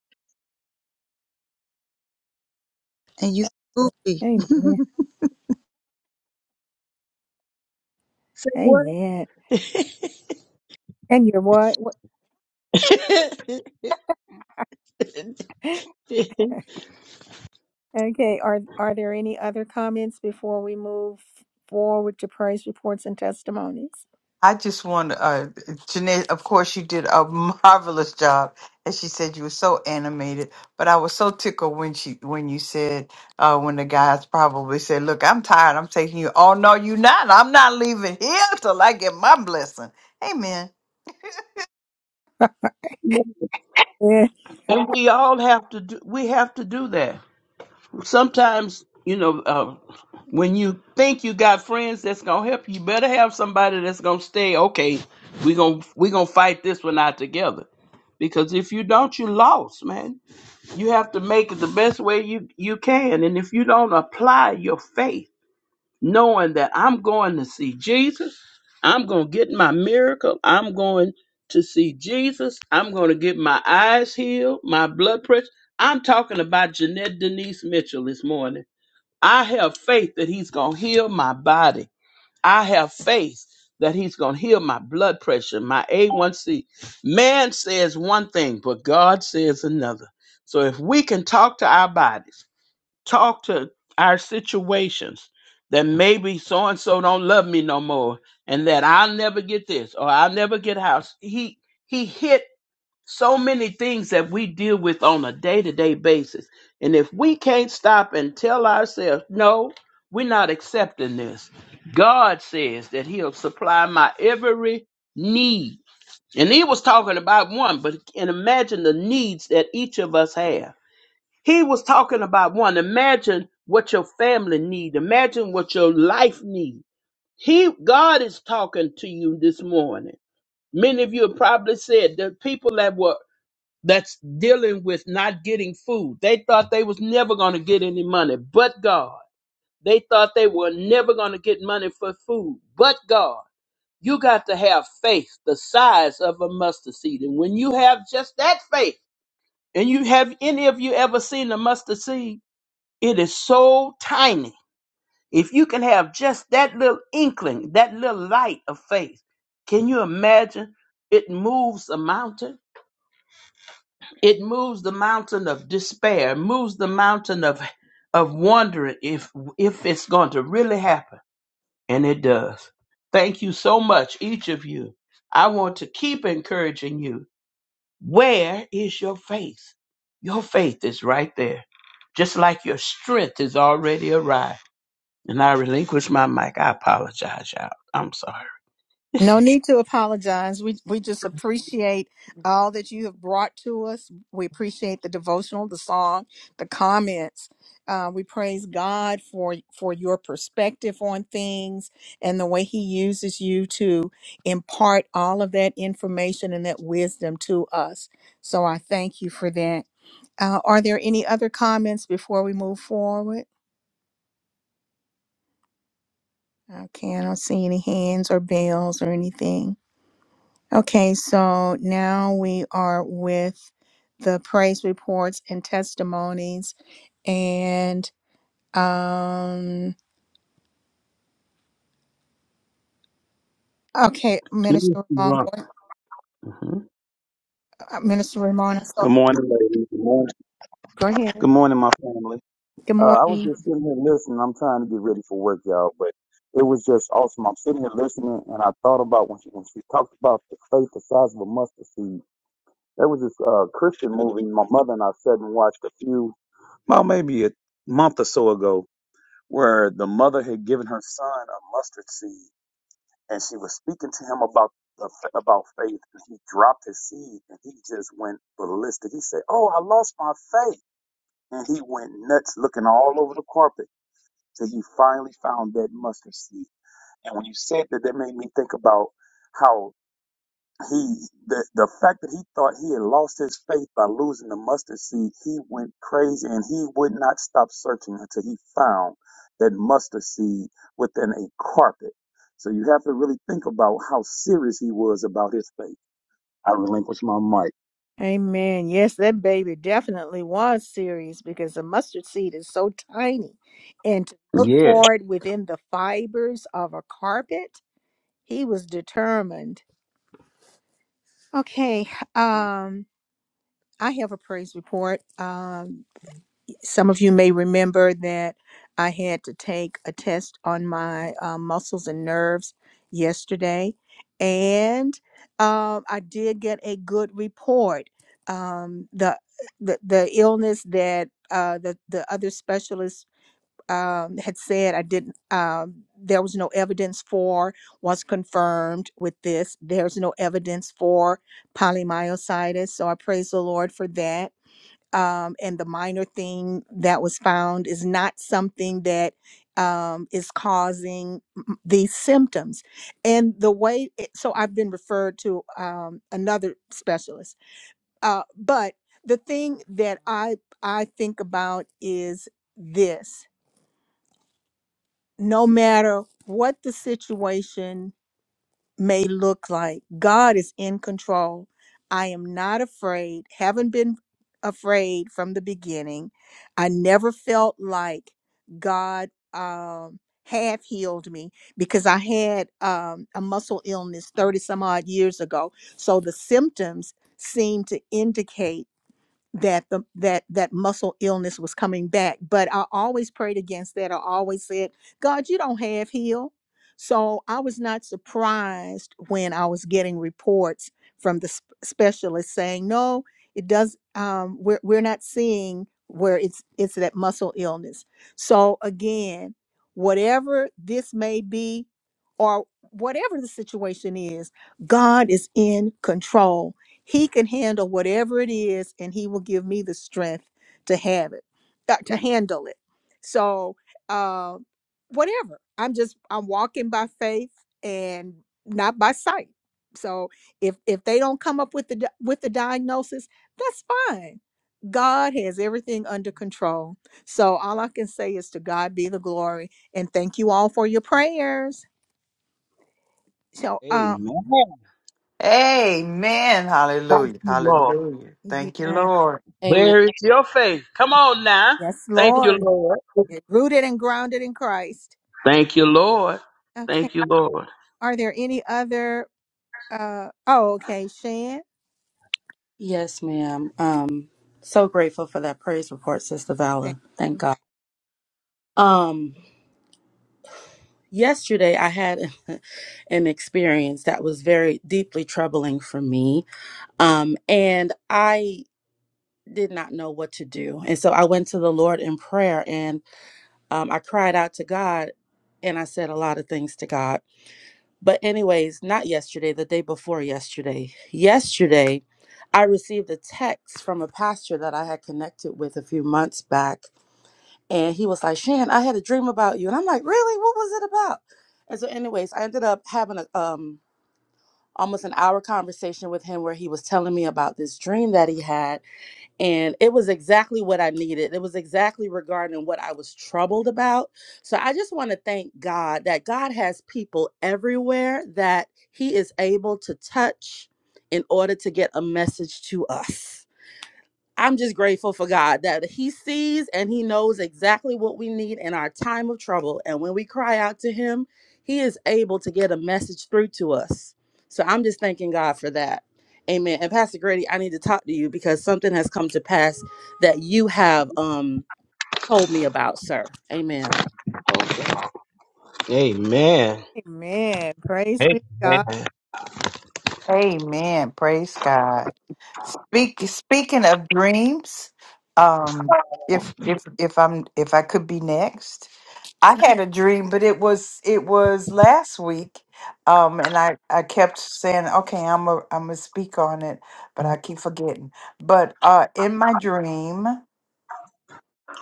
And you, Goofy. Amen. say what? Amen. And you're what? what? Okay. Are Are there any other comments before we move forward to praise reports and testimonies? I just want to, uh, Jeanette, of course, you did a marvelous job. As she said, you were so animated, but I was so tickled when she, when you said, uh, when the guys probably said, look, I'm tired. I'm taking you. Oh, no, you not. I'm not leaving here till I get my blessing. Amen. and we all have to do we have to do that. Sometimes, you know, uh, when you think you got friends that's gonna help you, you better have somebody that's gonna stay, okay, we're gonna we gonna fight this one out together. Because if you don't, you lost, man. You have to make it the best way you, you can. And if you don't apply your faith, knowing that I'm going to see Jesus, I'm going to get my miracle, I'm going to see Jesus, I'm going to get my eyes healed, my blood pressure. I'm talking about Jeanette Denise Mitchell this morning. I have faith that he's going to heal my body. I have faith that he's going to heal my blood pressure, my A1C. Man says one thing, but God says another. So if we can talk to our bodies, talk to our situations, that maybe so and so don't love me no more, and that I'll never get this or I'll never get a house. He he hit so many things that we deal with on a day to day basis. And if we can't stop and tell ourselves, no, we're not accepting this, God says that He'll supply my every need. And He was talking about one, but and imagine the needs that each of us have. He was talking about one. Imagine what your family need. Imagine what your life need. He, God is talking to you this morning. Many of you have probably said the people that were that's dealing with not getting food. They thought they was never going to get any money, but God. They thought they were never going to get money for food, but God. You got to have faith the size of a mustard seed. And when you have just that faith, and you have any of you ever seen a mustard seed, it is so tiny. If you can have just that little inkling, that little light of faith, can you imagine it moves a mountain? It moves the mountain of despair, moves the mountain of of wondering if if it's going to really happen, and it does. Thank you so much, each of you. I want to keep encouraging you. Where is your faith? Your faith is right there, just like your strength is already arrived. And I relinquish my mic. I apologize, y'all. I'm sorry. No need to apologize. We we just appreciate all that you have brought to us. We appreciate the devotional, the song, the comments. Uh, we praise God for for your perspective on things and the way He uses you to impart all of that information and that wisdom to us. So I thank you for that. Uh, are there any other comments before we move forward? Okay, I don't see any hands or bells or anything. Okay, so now we are with the praise reports and testimonies. And um okay, Yes, Minister you're Ramon, right. go, Mhm. uh, Minister Ramon, I Good morning, ladies. Good morning. go ahead. Good morning, my family. Good morning. About maybe a month or so ago, Amen. Yes, that baby definitely was serious because the mustard seed is so tiny. And to look Yes. for it within the fibers of a carpet, he was determined. Okay, um, I have a praise report. Um, Some of you may remember that I had to take a test on my uh, muscles and nerves yesterday, and um, I did get a good report. Um, the, the the illness that uh, the the other specialist um, had said I didn't um, there was no evidence for was confirmed with this. There's no evidence for polymyositis, so I praise the Lord for that um, and the minor thing that was found is not something that um, is causing m- these symptoms. And the way, it, so I've been referred to um, another specialist. Uh, but the thing that I I think about is this: no matter what the situation may look like. God is in control. I am not afraid, haven't been afraid from the beginning. I never felt like God um, half healed me because I had um, a muscle illness 30 some odd years ago. So the symptoms seem to indicate that the that that muscle illness was coming back but i always prayed against that i always said god you don't have heal so i was not surprised when i was getting reports from the sp- specialist saying no it does um we're, we're not seeing where it's it's that muscle illness so again whatever this may be or whatever the situation is god is in control he can handle whatever it is, and He will give me the strength to have it, uh, to handle it. So, uh, whatever. I'm just I'm walking by faith and not by sight. So if if they don't come up with the di- with the diagnosis, that's fine. God has everything under control. So all I can say is to God be the glory, and thank you all for your prayers. So, uh, Amen. Amen. Thank Hallelujah. you, Lord. Hallelujah. Thank you, yeah, Lord. Amen. Where is your faith? Come on now. yes, Thank you, Lord, Lord. Amen. rooted and grounded in Christ. Thank you, Lord. Okay. Thank you, Lord. Are there any other? Uh, oh, okay. Shan, Yes, ma'am. Um, so grateful for that praise report, Sister thank Vala. Thank you. God. Um, yesterday I had an experience that was very deeply troubling for me. Um, and I did not know what to do. And so I went to the Lord in prayer and um, I cried out to God and I said a lot of things to God But, anyways, not yesterday, the day before yesterday. Yesterday, I received a text from a pastor that I had connected with a few months back. And he was like, Shan, I had a dream about you. And I'm like, really? What was it about? And so, anyways, I ended up having a, um, almost an hour conversation with him where he was telling me about this dream that he had and it was exactly what I needed. It was exactly regarding what I was troubled about. So I just want to thank God that God has people everywhere that He is able to touch in order to get a message to us. I'm just grateful for God that He sees and He knows exactly what we need in our time of trouble. And when we cry out to Him, He is able to get a message through to us. So I'm just thanking God for that. Amen. And Pastor Grady, I need to talk to you because something has come to pass that you have um told me about, sir. Amen. Okay. Amen. Amen. Praise be to God. Amen. Praise God. Speak, speaking of dreams, um, if if if I'm if I could be next, I had a dream, but it was it was last week, um, and I I kept saying, okay, I'm a I'm a speak on it, but I keep forgetting. But uh, in my dream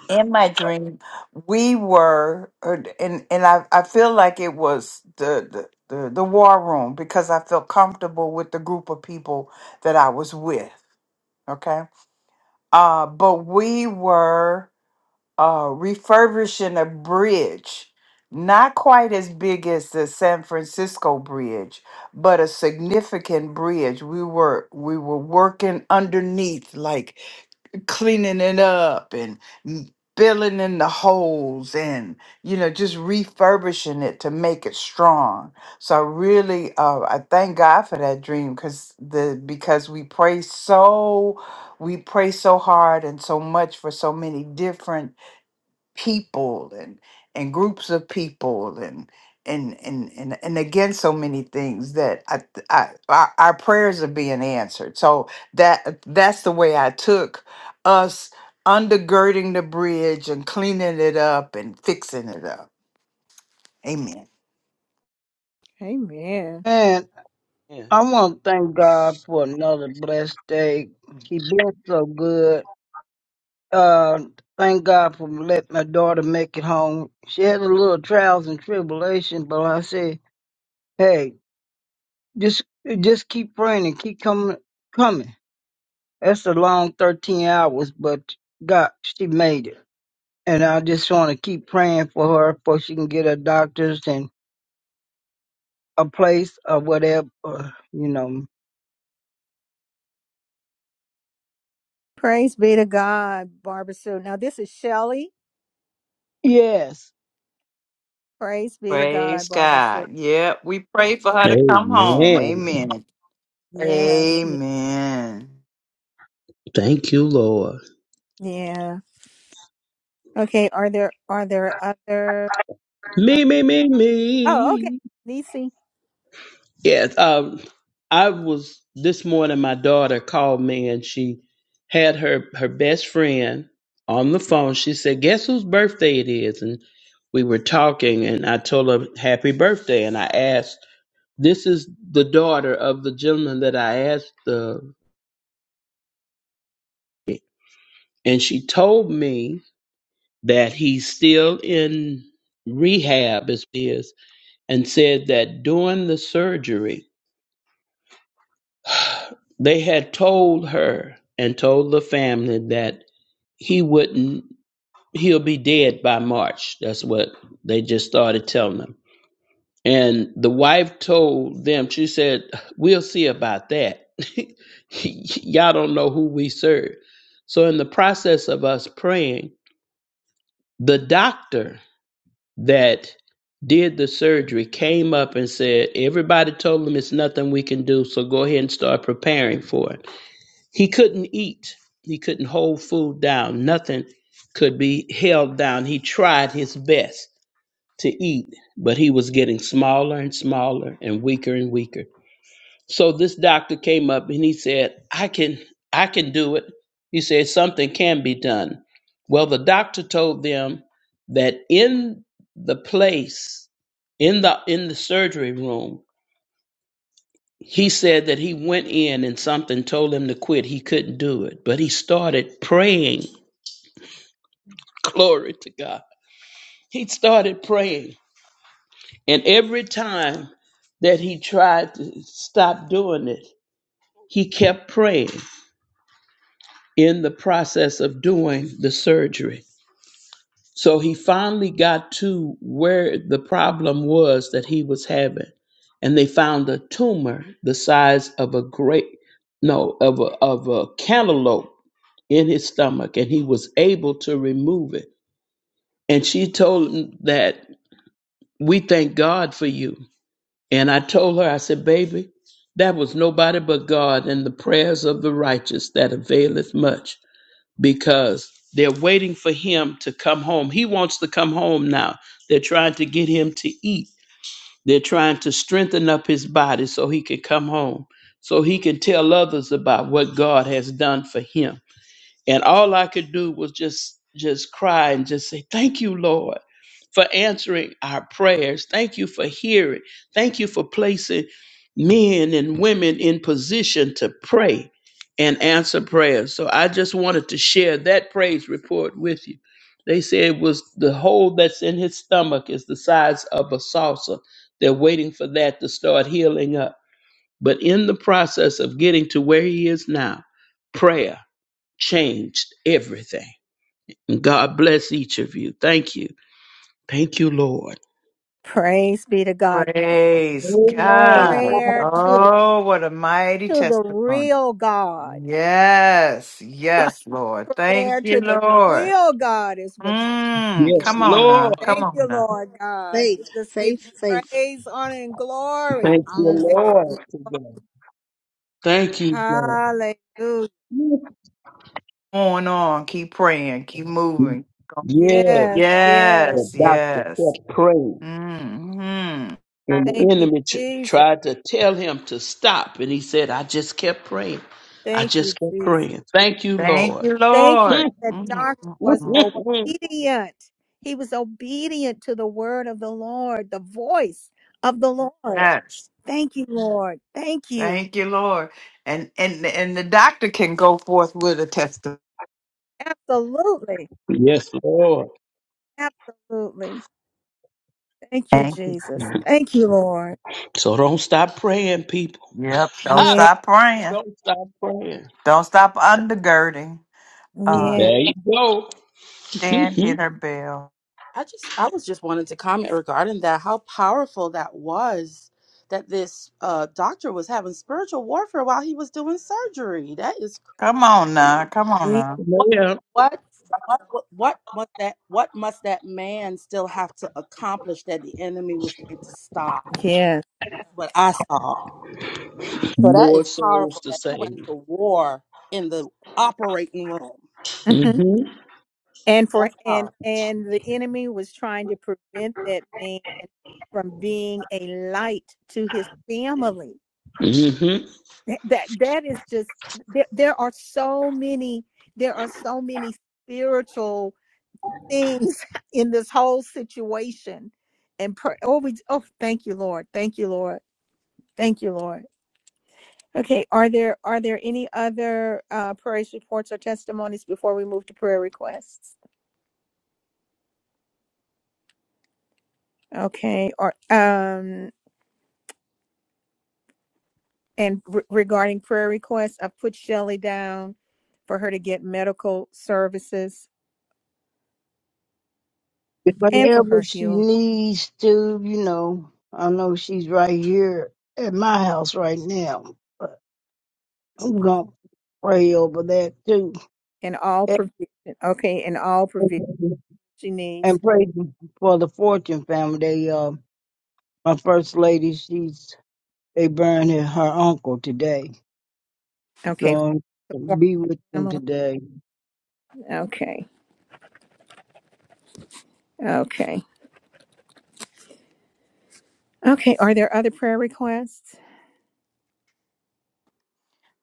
in my dream we were or- and and i i feel like it was the the the, the war room because i felt comfortable with the group of people that i was with okay uh but we were uh refurbishing a bridge not quite as big as the san francisco bridge but a significant bridge we were we were working underneath like cleaning it up and m- filling in the holes and you know just refurbishing it to make it strong so I really uh, i thank god for that dream because the because we pray so we pray so hard and so much for so many different people and and groups of people and and and and, and again so many things that I, th- I our, our prayers are being answered so that uh, that's the way i took us undergirding the bridge and cleaning it up and fixing it up amen Amen. And Yeah. I want to thank God for another blessed day. He been so good. Uh, thank God for letting my daughter make it home. She had a little trials and tribulation, but I say, hey, just just keep praying and keep coming, coming. That's a long 13 hours, but God, she made it. And I just want to keep praying for her before she can get her doctors and a place or whatever, or, you know. Praise be to God, Barbara Sue. Now this is Shelley. Yes. Praise be to God, praise Barbara Sue. god yeah we pray for her to come home Amen. amen Yes. Yeah. amen Thank you, Lord. yeah. Okay. Are there are there other? Uh, Me, me, me, oh, okay. me. Nisi. Yes. Um, I was this morning. My daughter called me, and she had her her best friend on the phone. She said, "Guess whose birthday it is?" And we were talking, and I told her, "Happy birthday!" And I asked. This is the daughter of the gentleman that I asked, uh, and she told me that he's still in rehab, as it is, and said that during the surgery, they had told her and told the family that he wouldn't, he'll be dead by March. That's what they just started telling them And the wife told them, she said, We'll see about that. Y'all don't know who we serve. So, in the process of us praying, the doctor that did the surgery came up and said, Everybody told him it's nothing we can do, so go ahead and start preparing for it. He couldn't eat, he couldn't hold food down, nothing could be held down. He tried his best to eat, but he was getting smaller and smaller and weaker and weaker. So this doctor came up and he said, "I can I can do it." He said something can be done. Well, the doctor told them that in the place in the in the surgery room, he said that he went in and something told him to quit. He couldn't do it, but he started praying. Glory to God. He started praying And every time that he tried to stop doing it, he kept praying in the process of doing the surgery. So he finally got to where the problem was that he was having. And they found a tumor the size of a grape, no, of a, of a cantaloupe in his stomach. And he was able to remove it. And she told him that we thank God for you And I told her, I said, baby, that was nobody but God and the prayers of the righteous that availeth much because they're waiting for him to come home. He wants to come home now. They're trying to get him to eat, they're trying to strengthen up his body so he can come home, so he can tell others about what God has done for him and all I could do was just just cry and just say thank you Lord for answering our prayers thank you for hearing thank you for placing men and women in position to pray and answer prayers so I just wanted to share that praise report with you they say it was the hole that's in his stomach is the size of a saucer they're waiting for that to start healing up but in the process of getting to where he is now prayer changed everything. And God bless each of you. Thank you. Thank you, Lord. Praise be to God. praise Amen. god Prayer to the oh what a mighty to the testimony real God. Yes, yes, Lord. Thank Prayer to you, the Lord. real God is what Mm, you're Yes, doing. come on Lord. now. Come Thank on you, now. Lord God. We Faith, just give faith, you faith. praise, honor, and glory. Thank you, Hallelujah. Lord. today. Thank you, God. Hallelujah. Going on. Keep praying. Keep moving. Yes, Yes, yes. the Yes, doctor yes. kept praying. Mm-hmm. And the Thank you, enemy tr- Jesus. tried to tell him to stop. And he said, I just kept praying. I Thank you, just kept Jesus. praying. Thank you, Thank Lord. you, Thank you yes, Lord. that doctor was Mm-hmm. obedient. He was obedient to the word of the Lord, the voice of the Lord. Yes. Thank you, Lord. Thank you. Thank you, Lord. And and and the doctor can go forth with a testimony. Absolutely. Lord. Absolutely. Thank you, Thank you, Jesus. Jesus. Thank you, Lord. So don't stop praying, people. Yep. Don't Yeah, stop praying. Don't stop praying. Don't stop undergirding. Uh, yeah, There you go. stand hit her bell. I just I was just wanting to comment regarding that, how powerful that was that this uh doctor was having spiritual warfare while he was doing surgery. That is crazy Come on to now, me. come on yeah, now. What Yeah. what what what what must that what must that man still have to accomplish that the enemy was trying to stop? That's yeah. what I saw. So that More is souls powerful to that he went save. to war in the operating room. Mhm. Mm-hmm. And for That's and powerful. and the enemy was trying to prevent that man from being a light to his family. Mm-hmm. That that, that is just there, there are so many there are so many spiritual things in this whole situation. And per, oh, we, oh, thank you, Lord. Thank you, Lord. Thank you, Lord. Okay, are there are there any other uh, praise reports or testimonies before we move to prayer requests? Okay, or um, and re- regarding prayer requests, I've put Shelley down for her to get medical services and for Whatever her she healing needs to, you know, I know she's right here at my house right now. But I'm going to pray over that too. and all And provision. Okay, and all provision she and needs. pray for the Fortune family. They, uh, my first lady, she's They buried her uncle today, Okay, so support be with them Pamela. today. Okay, okay, okay. Are there other prayer requests?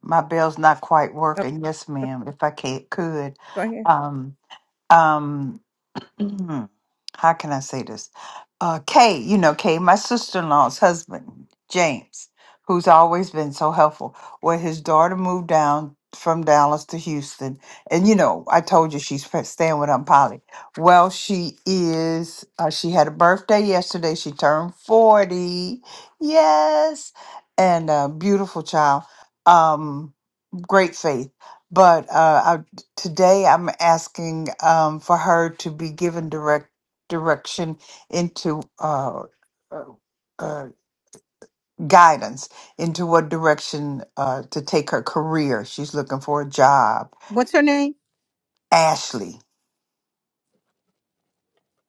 My bell's not quite Okay, working. Yes, ma'am. If I can't, could. go ahead. Um, um, Mhm. How can I say this? Uh, Kay, you know, Kay, my sister in law's husband, James, who's always been so helpful, where his daughter moved down from Dallas to Houston. And, you know, I told you she's fa- staying with Aunt Polly. Well, she is, uh, she had a birthday yesterday. She turned 40. Yes. And a beautiful child. Um, great faith. But uh, Today, I'm asking um, for her to be given direct direction into uh, uh, uh, guidance into what direction uh, to take her career. She's looking for a job. What's her name? Ashley,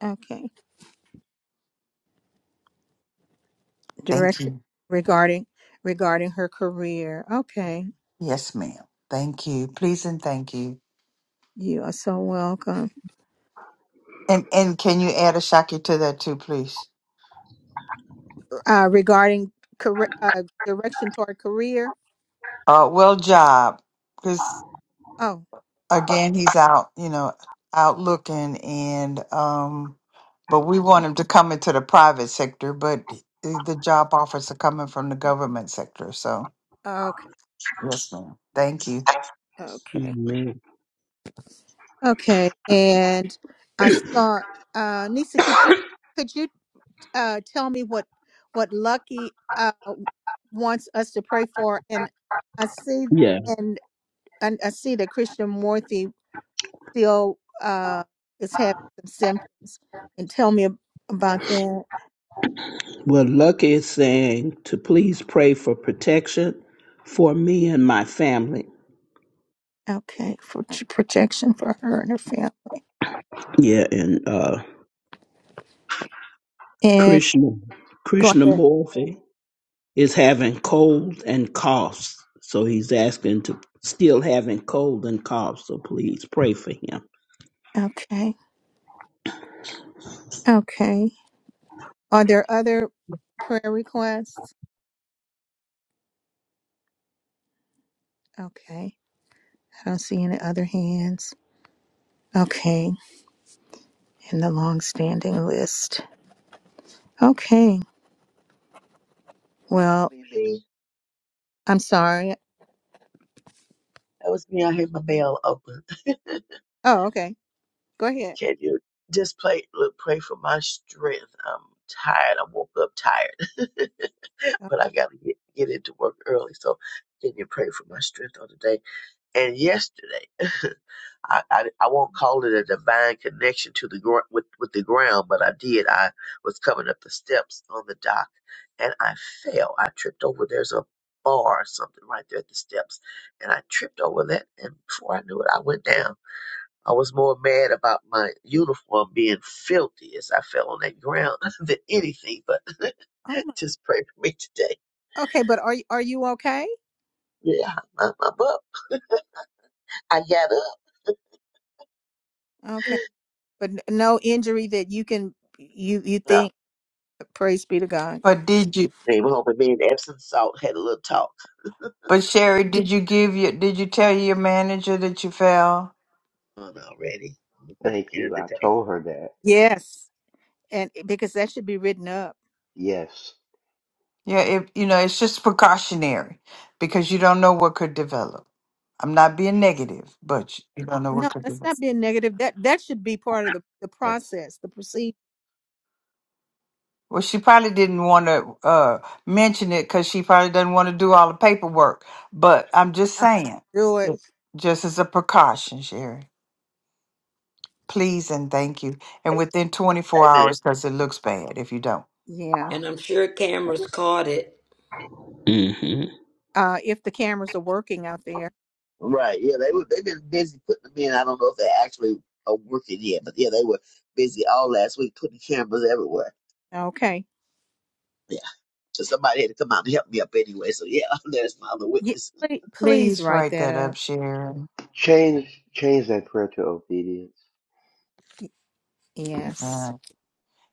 Okay. thank Director you. regarding regarding her career. Okay. Yes, ma'am. Thank you. Please and thank you. You are so welcome. And and can you add a Shaki to that too, please? Uh regarding career uh direction toward career. Uh, well, job, because Oh, again he's out you know out looking and um but we want him to come into the private sector but the the job offers are coming from the government sector so okay. yes ma'am thank you Okay. Amen. Okay, and I saw uh, Nisa. Could you could you uh, tell me what what Lucky uh, wants us to pray for? And I see Yeah. and and I see that Krishnamurti still uh, is having some symptoms. And tell me ab- about that. Well, Lucky is saying to please pray for protection for me and my family. Okay, for t- protection for her and her family. Yeah, and uh And Krishna go Krishna ahead. Morphy is having cold and coughs. So he's asking to still having cold and coughs. So please pray for him. Okay, okay. Are there other prayer requests? Okay. I don't see any other hands. Okay, in the long-standing list. Okay, well, Me, me. I'm sorry. That was me. I had my mail open. Oh, okay. Go ahead. Can you just play, look, pray for my strength? I'm tired. I woke up tired, Uh, but I got to get, get into work early. So can you pray for my strength on the day? And yesterday, I, I, I won't call it a divine connection to the gr- with with the ground, but I did. I was coming up the steps on the dock, and I fell. I tripped over. There's a bar or something right there at the steps, and I tripped over that. And before I knew it, I went down. I was more mad about my uniform being filthy as I fell on that ground than anything. But Oh just pray for me today. Okay, but are you are you okay? Yeah, I'm, I'm up. I got up. Okay, but n- no injury that you can you you think. Praise be to God. but did you Hey, we're hoping me and Epsom Salt had a little talk but sherry D- did you give your did you tell your manager that you fell on already at Thank the end of you. the I day. told her that. yes, and eh, because that should be written up. Yes. yeah if you know it's just precautionary because you don't know what could develop i'm not being negative but you don't know what No, could that's develop not being negative. That that should be part of the the Yes. process, the procedure. Well, she probably didn't want to uh, mention it because she probably doesn't want to do all the paperwork. But I'm just Uh, saying, Do it. just, just as a precaution, Sherry. Please and thank you. And Hey, within 24 hey, man. hours, because it looks bad if you don't. Yeah. and I'm sure cameras caught it. hmm Uh, if the cameras are working out there. Right. Yeah, they were they've been busy putting them in. I don't know if they actually are working yet, but yeah, they were busy all last week putting cameras everywhere. Okay. Yeah. So somebody had to come out and help me up anyway. So yeah, there's my other Yeah, witness. please, please Please write write that that up. up, Sherry. Change change that prayer to obedience. Yes. Uh,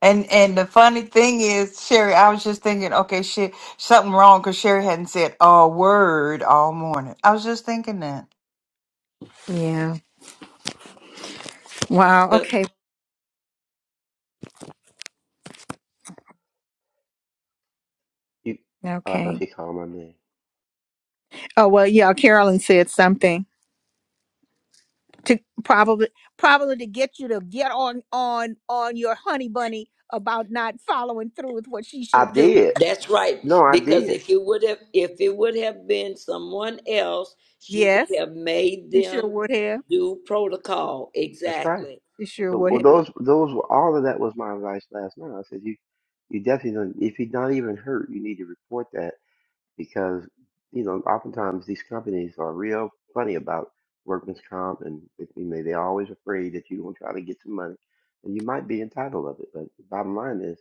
And and the funny thing is, Sherry, I was just thinking, okay, shit, something wrong because Sherry hadn't said a word all morning. I was just thinking that. Yeah. Wow. But Okay. You oh, I thought Okay. she called my name. Oh well. Yeah. Carolyn said something. to probably probably to get you to get on on on your honey bunny about not following through with what she I should do. did. That's right, No, I because did. if it would have, if it would have been someone else, she Yes, would have made she sure them would have. do protocol That's right. exactly. She sure Th- would Well, have. those those were all of that was my advice last night. I said you you definitely don't if you're not even hurt, you need to report that because you know oftentimes these companies are real funny about workman's comp and it- you know they're always afraid that you will try to get some money and you might be entitled of it but the bottom line is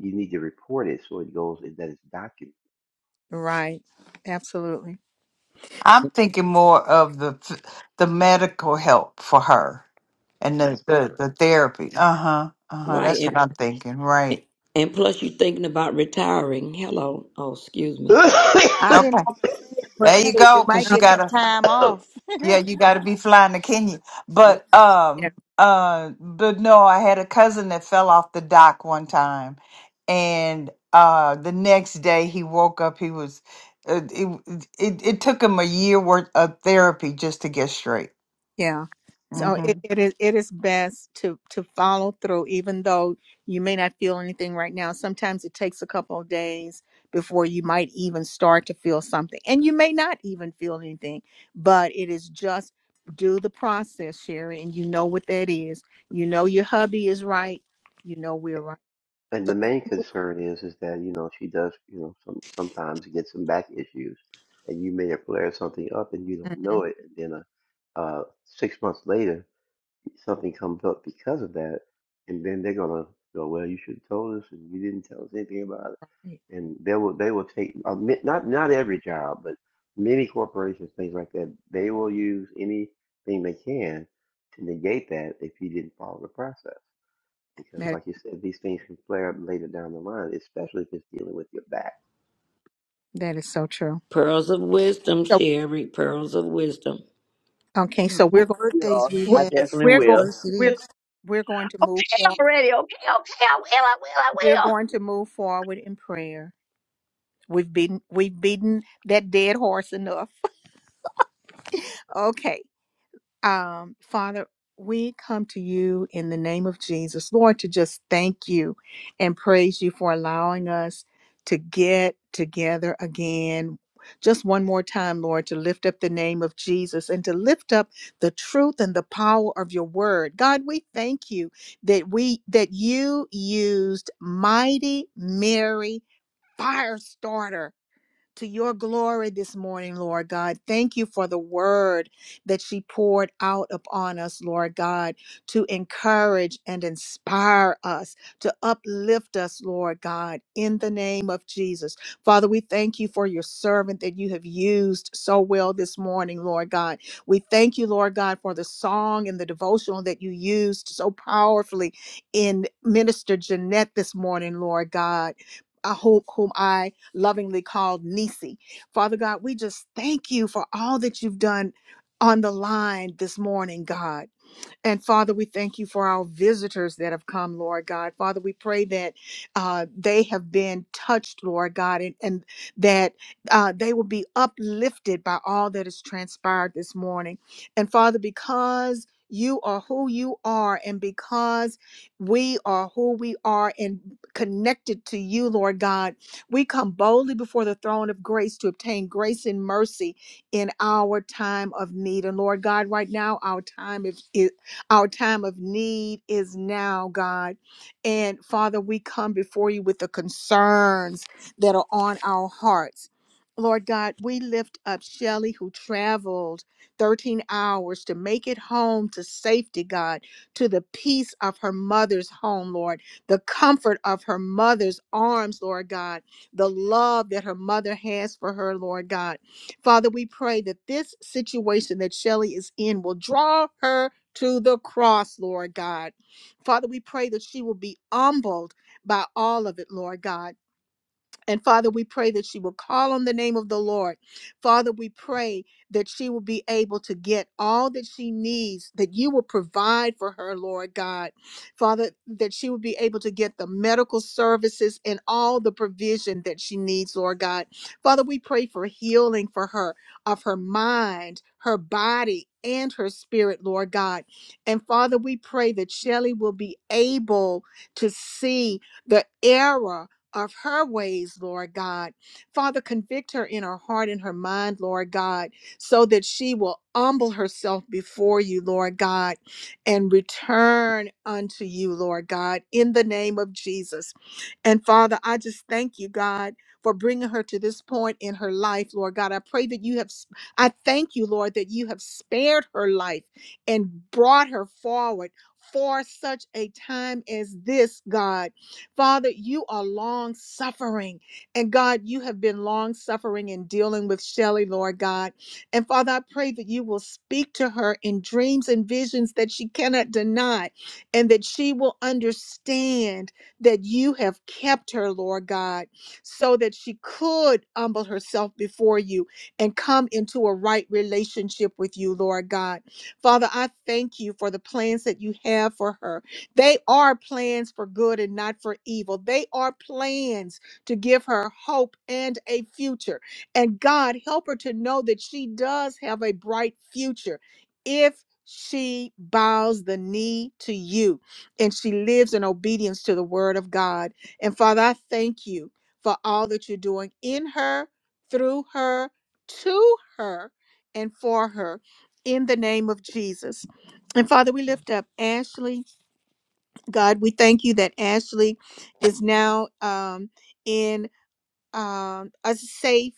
you need to report it so it goes that it's documented Right. Absolutely. I'm thinking more of the f- the medical help for her and the the, the therapy. Uh huh. Uh huh. That's what Right, I'm thinking. and Right. and plus you're thinking about retiring. Hello, oh excuse me. I didn't Okay. want to say it, but There you hey, go. you might Because you get got Okay. some to time off. Yeah, you got to be flying to Kenya. Yeah. But um uh but no, I had a cousin that fell off the dock one time and uh the next day he woke up he was uh, it, it it took him a year worth of therapy just to get straight. Yeah. So hmm it, it is it is best to to follow through, even though you may not feel anything right now. Sometimes it takes a couple of days before you might even start to feel something. And you may not even feel anything, but it is just do the process, Sherry, and you know what that is. You know your hubby is right. You know we're right. and the So main concern is is that you know she does you know some, sometimes get some back issues and you may have flared something up and you don't know Mhm. it and then a uh, uh, six months later something comes up because of that, and then they're gonna go, well, you should have told us, and you didn't tell us anything about it. And they will they will take uh, mi- not not every job, but many corporations, things like that. They will use anything they can to negate that if you didn't follow the process, because that like you said, these things can flare up later down the line, especially if it's dealing with your back. that is so true. Pearls of wisdom, So Sherry. Pearls of wisdom. okay, The so we're more going Yeah, birthdays we we're, I have, definitely we're the going will. worse it we're is. we're going to move forward. We're Yeah. going to move forward in prayer. We've beaten we've beaten that dead horse enough. Okay. Um, Father, we come to you in the name of Jesus, Lord, to just thank you and praise you for allowing us to get together again. Just one more time, Lord, to lift up the name of Jesus and to lift up the truth and the power of your word. God, we thank you that we that you used mighty Mary Firestarter to your glory this morning, Lord God. Thank you for the word that she poured out upon us, Lord God, to encourage and inspire us, to uplift us, Lord God, in the name of Jesus. Father, we thank you for your servant that you have used so well this morning, Lord God. We thank you, Lord God, for the song and the devotional that you used so powerfully in Minister Jeanette this morning, Lord God. I hope whom I lovingly called Nisi. Father God, we just thank you for all that you've done on the line this morning, God. And Father, we thank you for our visitors that have come, Lord God. Father, we pray that uh, they have been touched, Lord God, and, and that uh, they will be uplifted by all that has transpired this morning. And Father, because you are who you are, and because we are who we are and connected to you, Lord God, we come boldly before the throne of grace to obtain grace and mercy in our time of need. And Lord God, right now, our time is, is, our time of need is now, God. And Father, we come before you with the concerns that are on our hearts. Lord God, we lift up Shelley who traveled 13 hours to make it home to safety, God, to the peace of her mother's home, Lord, the comfort of her mother's arms, Lord God, the love that her mother has for her, Lord God. Father, we pray that this situation that Shelley is in will draw her to the cross, Lord God. Father, we pray that she will be humbled by all of it, Lord God. And Father, we pray that she will call on the name of the Lord. Father, we pray that she will be able to get all that she needs, that you will provide for her, Lord God. Father, that she will be able to get the medical services and all the provision that she needs, Lord God. Father, we pray for healing for her of her mind, her body, and her spirit, Lord God. And Father, we pray that Shelley will be able to see the error of her ways, Lord God. Father, convict her in her heart and her mind, Lord God, so that she will humble herself before you, Lord God, and return unto you, Lord God, in the name of Jesus. And Father, I just thank you, God, for bringing her to this point in her life, Lord God. I pray that you have, I thank you, Lord, that you have spared her life and brought her forward for such a time as this, God. Father, you are long suffering. And God, you have been long suffering in dealing with Shelley, Lord God. And Father, I pray that you will speak to her in dreams and visions that she cannot deny and that she will understand that you have kept her, Lord God, so that she could humble herself before you and come into a right relationship with you, Lord God. Father, I thank you for the plans that you have for her. They are plans for good and not for evil. They are plans to give her hope and a future. And God, help her to know that she does have a bright future if she bows the knee to you and she lives in obedience to the word of God. And Father, I thank you for all that you're doing in her, through her, to her, and for her in the name of Jesus. And Father, we lift up Ashley. God, we thank you that Ashley is now um, in um, a safe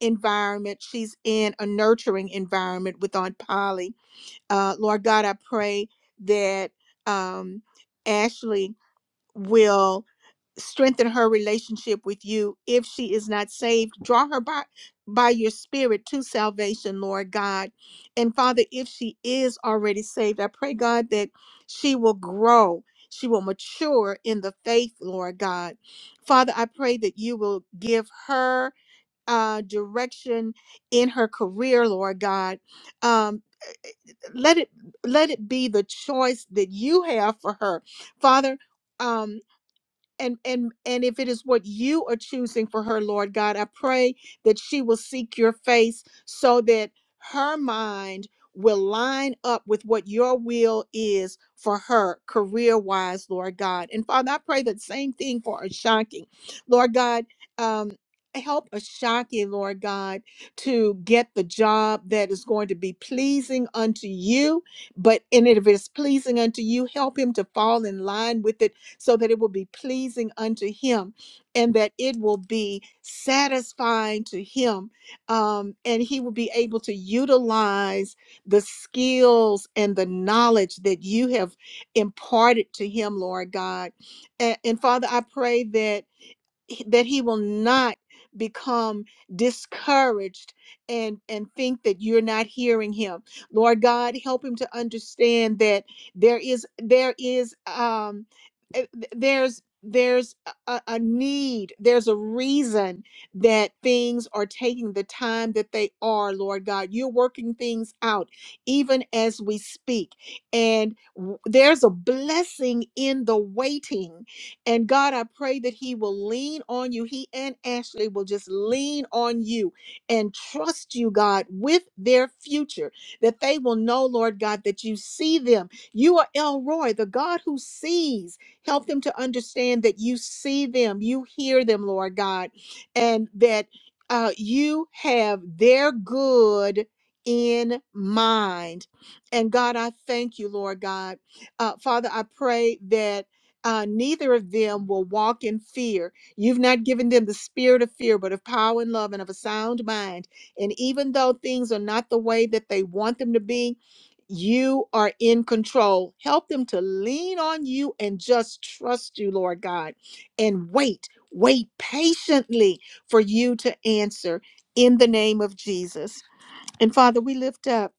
environment. She's in a nurturing environment with Aunt Polly. Uh, Lord God, I pray that um, Ashley will strengthen her relationship with you if she is not saved draw her by by your spirit to salvation lord god and father if she is already saved i pray god that she will grow she will mature in the faith lord god father i pray that you will give her uh direction in her career lord god um eh, eh, let it let it be the choice that you have for her father Um and and and if it is what you are choosing for her lord god i pray that she will seek your face so that her mind will line up with what your will is for her career wise lord god and father i pray that same thing for ashanki lord god um Help Ashaki, Lord God, to get the job that is going to be pleasing unto you. But and if it is pleasing unto you, help him to fall in line with it so that it will be pleasing unto him and that it will be satisfying to him um, and he will be able to utilize the skills and the knowledge that you have imparted to him lord god and, and father i pray that he- that he will not become discouraged and and think that you're not hearing him lord god help him to understand that there is there is um eh, th- there's there's a, a a need there's a reason that things are taking the time that they are lord god you're working things out even as we speak and w- there's a blessing in the waiting and God, I pray that he will lean on you. He and Ashley will just lean on you and trust you, God, with their future, that they will know, Lord God, that you see them. You are Elroy, the God who sees. Help them to understand that you see them, you hear them, Lord God, and that uh, you have their good in mind. And God, I thank you, Lord God. Uh, Father, I pray that uh, neither of them will walk in fear. You've not given them the spirit of fear, but of power and love and of a sound mind. And even though things are not the way that they want them to be, you are in control. Help them to lean on you and just trust you, Lord God, and wait, wait patiently for you to answer in the name of Jesus. And Father, we lift up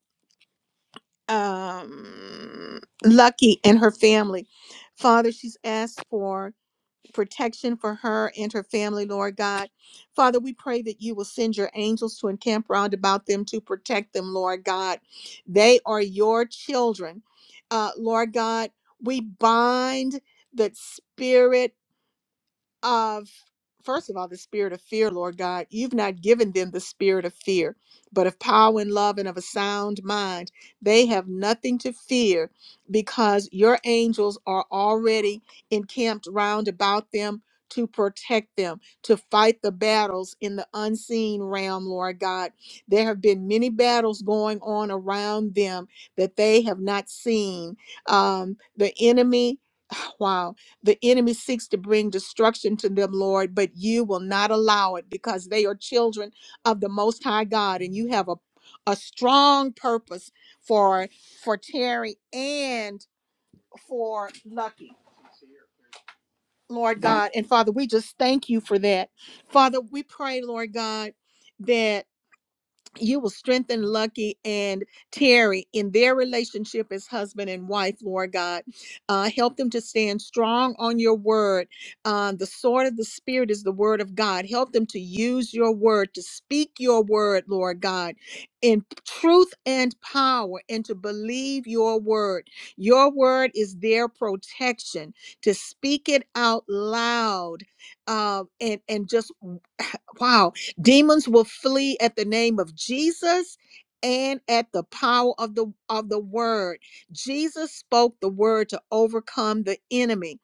um, Lucky and her family. Father, she's asked for protection for her and her family, Lord God. Father, we pray that you will send your angels to encamp round about them to protect them, Lord God. They are your children. Uh, Lord God, we bind the spirit of first of all the spirit of fear lord god you've not given them the spirit of fear but of power and love and of a sound mind they have nothing to fear because your angels are already encamped round about them to protect them to fight the battles in the unseen realm lord god there have been many battles going on around them that they have not seen um, the enemy wow the enemy seeks to bring destruction to them, Lord, but you will not allow it because they are children of the Most High God, and you have a, a strong purpose for for Terry and for Lucky, Lord God. And Father, we just thank you for that. Father, we pray, Lord God, that you will strengthen Lucky and Terry in their relationship as husband and wife, Lord God. Uh, help them to stand strong on your word. Uh, the sword of the Spirit is the word of God. Help them to use your word, to speak your word, Lord God, in truth and power, and to believe your word. Your word is their protection, to speak it out loud uh, and, and just, wow, Demons will flee at the name of Jesus and at the power of the of the word. Jesus spoke the word to overcome the enemy.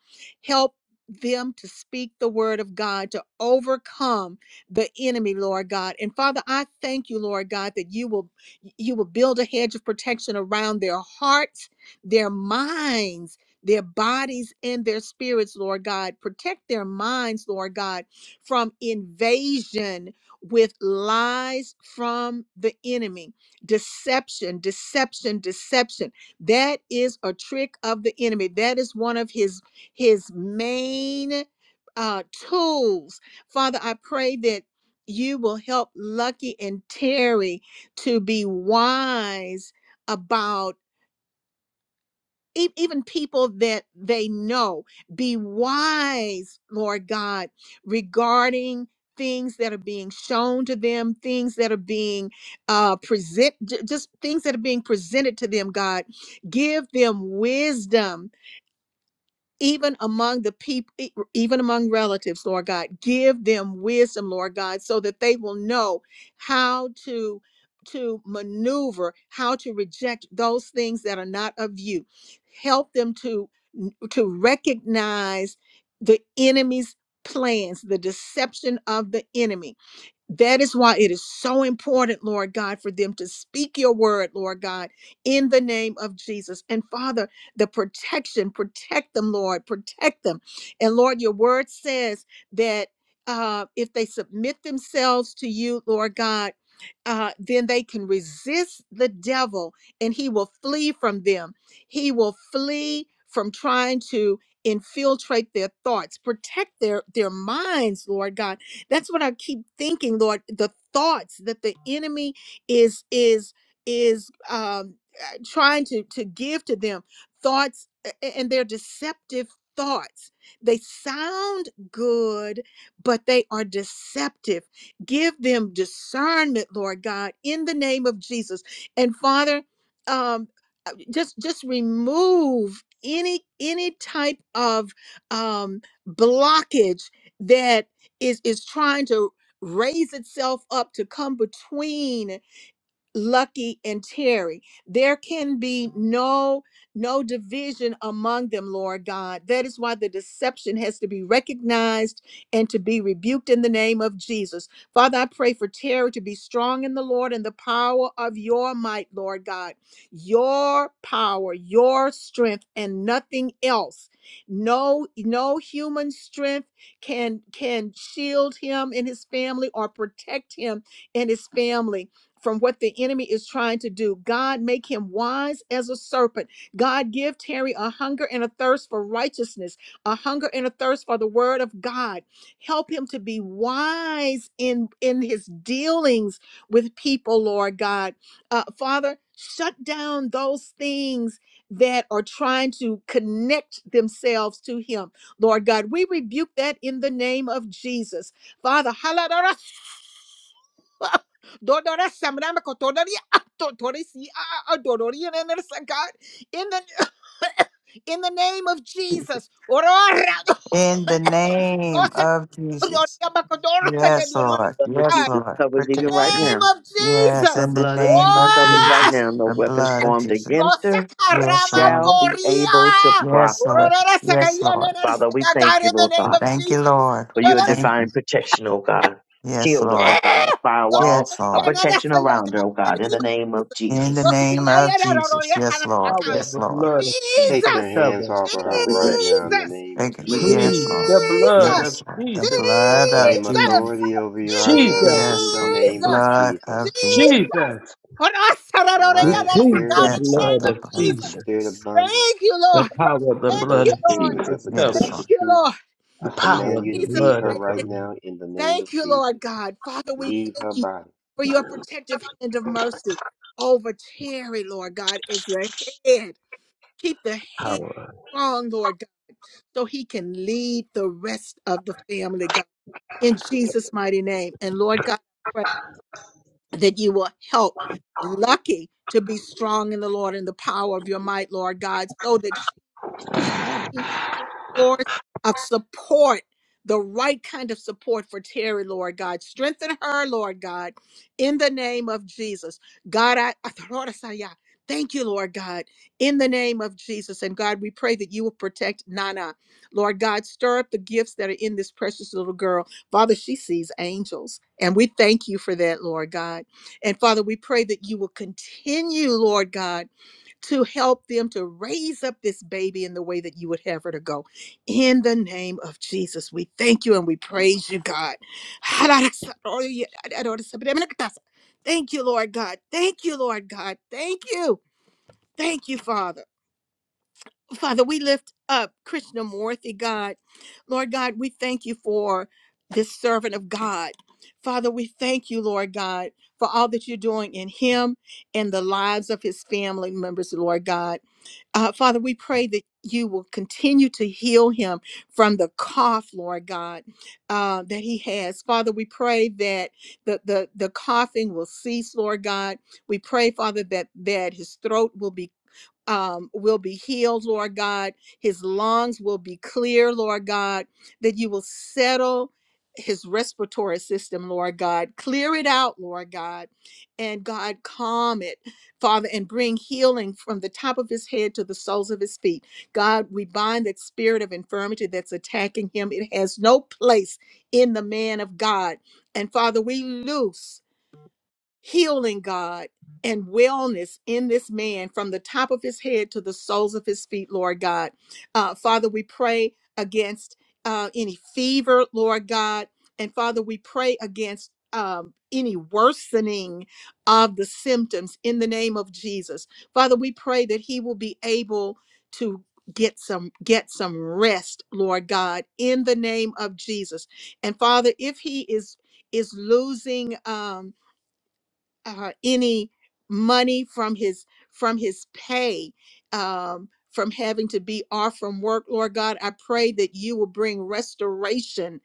Help them to speak the word of God to overcome the enemy, Lord God. And Father, I thank you, Lord God, that you will you will build a hedge of protection around their hearts, their minds, their bodies and their spirits, Lord God. Protect their minds, Lord God, from invasion with lies from the enemy, deception, deception, deception. That is a trick of the enemy. That is one of his his main uh, tools. Father, I pray that you will help Lucky and Terry to be wise. About e- even people that they know be wise lord god regarding things that are being shown to them things that are being uh present j- just things that are being presented to them god give them wisdom even among the people, even among relatives, Lord God. Give them wisdom, Lord God, so that they will know how to to maneuver, how to reject those things that are not of you. Help them to to recognize the enemy's plans, the deception of the enemy that is why it is so important, Lord God, for them to speak your word, Lord God, in the name of Jesus. And Father, the protection, protect them, Lord, protect them. And Lord, your word says that uh, if they submit themselves to you, Lord God, uh, then they can resist the devil and he will flee from them. He will flee from trying to infiltrate their thoughts, protect their, their minds, Lord God that's what I keep thinking, Lord. The thoughts that the enemy is is is um, uh, trying to to give to them thoughts, a- a- and they're deceptive thoughts. They sound good, but they are deceptive. Give them discernment, Lord God, in the name of Jesus. And Father, um, uh, just just remove any any type of um blockage that is is trying to raise itself up to come between Lucky and Terry. There can be no no division among them, Lord God. That is why the deception has to be recognized and to be rebuked in the name of Jesus. Father, I pray for Terry to be strong in the Lord and the power of your might, Lord God. Your power, your strength and nothing else. No no human strength can can shield him and his family or protect him and his family from what the enemy is trying to do. God, make him wise as a serpent. God, give Terry a hunger and a thirst for righteousness, a hunger and a thirst for the word of God. Help him to be wise in, in his dealings with people, Lord God. Uh, Father, shut down those things that are trying to connect themselves to him. Lord God, we rebuke that in the name of Jesus. Father, Dodora samrama kotorari totori si and enersa God in the in the name of Jesus. Orora In the name osa of Jesus. kotoria makodoro de Yes, Leonora Lord. The blood of Yes, God Jesus Lord. covers in even the Protect right him. name now. of Yes, The in Jesus. the blood of name Jesus of covers right Oh, Jesus. now. No The weapons blood of formed Jesus. against osa her Yes, karama Lord. shall be able to doria. Yes, prosper. Lord. Orora Yes, sakaya Lord. Father, we thank God you, in the Lord name We God, of thank you, Lord. for We your Jesus. thank divine you. protection, oh God. Yes, Shield her, oh Lord. God, a Those firewall, Yes, who a are Lord. not of protection God, in around her, oh God, the in name the of name of Jesus, In the Jesus. Those who name of are not of God, Jesus. yes, and Yes, of Lord. God. Yes, Lord. Take your Jesus, hands off of God, her we right bless now you. in the Jesus, name of Thank you. We praise Yes, Please, Jesus. you. Lord. blood Jesus, of Yes, Lord. The Jesus, I blood of claim Jesus, Jesus. authority over you right now Jesus, in Yes, the Lord. The name of Jesus. blood of Jesus. Jesus. Jesus. Jesus. For us, We Sararoraya, lying that's a plead the spirit, God in the Yes, Lord. name blood The of of blood of Jesus. Jesus. Jesus. spirit of bondage, Thank you, The Lord. power of the Thank blood perverse you, of Lord. spirit that Jesus would twist Yes, covers. the Thank Lord. you, truth. Lord. The I In power command of you the to Jesus' leave blood her of mighty the right Lamb. now in the name of Thank you, Lord Jesus. God. Father, we Leave her thank you body. for your protective hand of mercy over Terry, Lord God, is the head. Keep the head power. strong, Lord God, so he can lead the rest of the family, God, in Jesus' mighty name. And Lord God, I pray that you will help Lucky to be strong in the Lord and the power of your might, Lord God, so that she can. Lord, of support, the right kind of support for Terry, Lord God. Strengthen her, Lord God, in the name of Jesus. God, I, I Lord, I say, yeah. thank you, Lord God, in the name of Jesus. And God, we pray that you will protect Nana. Lord God, stir up the gifts that are in this precious little girl. Father, she sees angels. And we thank you for that, Lord God. And Father, we pray that you will continue, Lord God to help them to raise up this baby in the way that you would have her to go. In the name of Jesus, we thank you and we praise you, God. Thank you, Lord God. Thank you, Lord God. Thank you. Thank you, Father. Father, we lift up Krishnamurthy, God. Lord God, we thank you for this servant of God. Father, we thank you, Lord God, for all that you're doing in him and the lives of his family members, Lord God. Uh, Father, we pray that you will continue to heal him from the cough, Lord God, uh, that he has. Father, we pray that the, the, the coughing will cease, Lord God. We pray, Father, that, that his throat will be um, will be healed, Lord God. His lungs will be clear, Lord God. That you will settle his respiratory system, Lord God. Clear it out, Lord God. And God, calm it, Father, and bring healing from the top of his head to the soles of his feet. God, we bind that spirit of infirmity that's attacking him. It has no place in the man of God. And Father, we loose healing, God, and wellness in this man from the top of his head to the soles of his feet, Lord God. Uh, Father, we pray against uh, any fever, Lord God. And Father, we pray against um, any worsening of the symptoms in the name of Jesus. Father, we pray that he will be able to get some get some rest lord god in the name of jesus and father if he is is losing um uh, any money from his from his pay um, from having to be off from work lord god i pray that you will bring restoration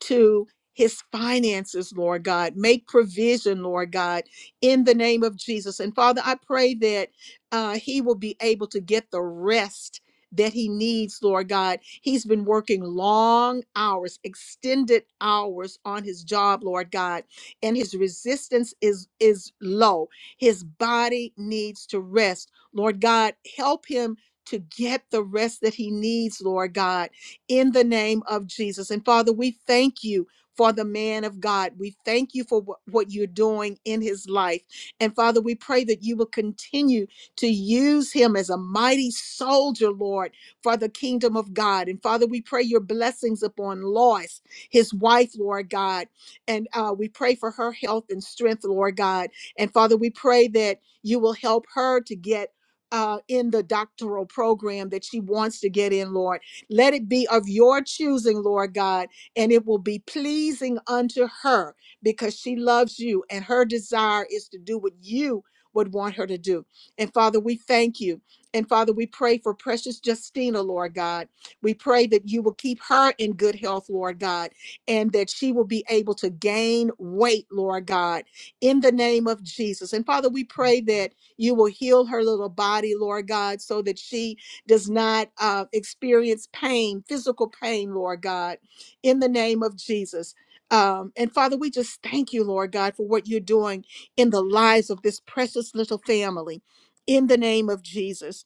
to his finances lord god make provision lord god in the name of jesus and father i pray that uh, he will be able to get the rest that he needs, Lord God. He's been working long hours, extended hours on his job, Lord God and his resistance is is low. His body needs to rest. Lord God, help him to get the rest that he needs, Lord God, in the name of Jesus. And Father, we thank you for the man of God. We thank you for what, what you're doing in his life. And Father, we pray that you will continue to use him as a mighty soldier, Lord, for the kingdom of God. And Father, we pray your blessings upon Lois, his wife, Lord God and uh, we pray for her health and strength, Lord God. And Father, we pray that you will help her to get. Uh, in the doctoral program that she wants to get in, Lord. Let it be of your choosing, Lord God, and it will be pleasing unto her because she loves you and her desire is to do what you would want her to do. And Father, we thank you. And Father, we pray for precious Justina, Lord God. We pray that you will keep her in good health, Lord God and that she will be able to gain weight, Lord God, in the name of Jesus. And Father, we pray that you will heal her little body, Lord God, so that she does not uh, experience pain, physical pain, Lord God, in the name of Jesus. Um, and Father, we just thank you, Lord God, for what you're doing in the lives of this precious little family. In the name of Jesus.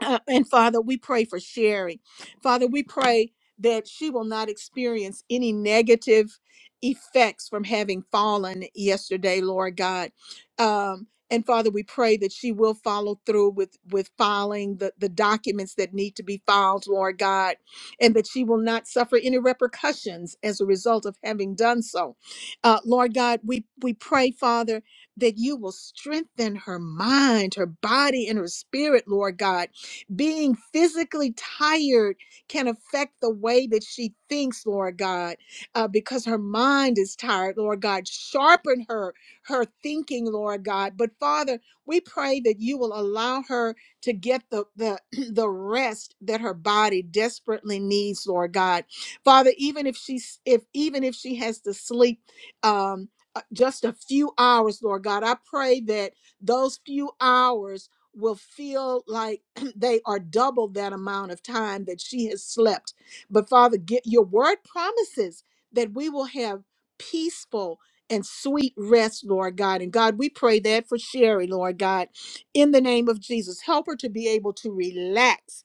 Uh, and Father, we pray for Sherry. Father, we pray that she will not experience any negative effects from having fallen yesterday, Lord God. Um, and Father, we pray that she will follow through with with filing the, the documents that need to be filed, Lord God, and that she will not suffer any repercussions as a result of having done so. Uh, Lord God, we we pray, Father, that you will strengthen her mind, her body, and her spirit, Lord God being physically tired can affect the way that she thinks, Lord God, uh, because her mind is tired, Lord God. Sharpen her, her thinking, Lord God. But Father, we pray that you will allow her to get the, the, the rest that her body desperately needs, Lord God. Father, even if she's if even if she has to sleep um uh, just a few hours, Lord God, I pray that those few hours will feel like they are double that amount of time that she has slept. But Father, get your word promises that we will have peaceful and sweet rest, Lord God. And God, we pray that for Sherry, Lord God, in the name of Jesus. Help her to be able to relax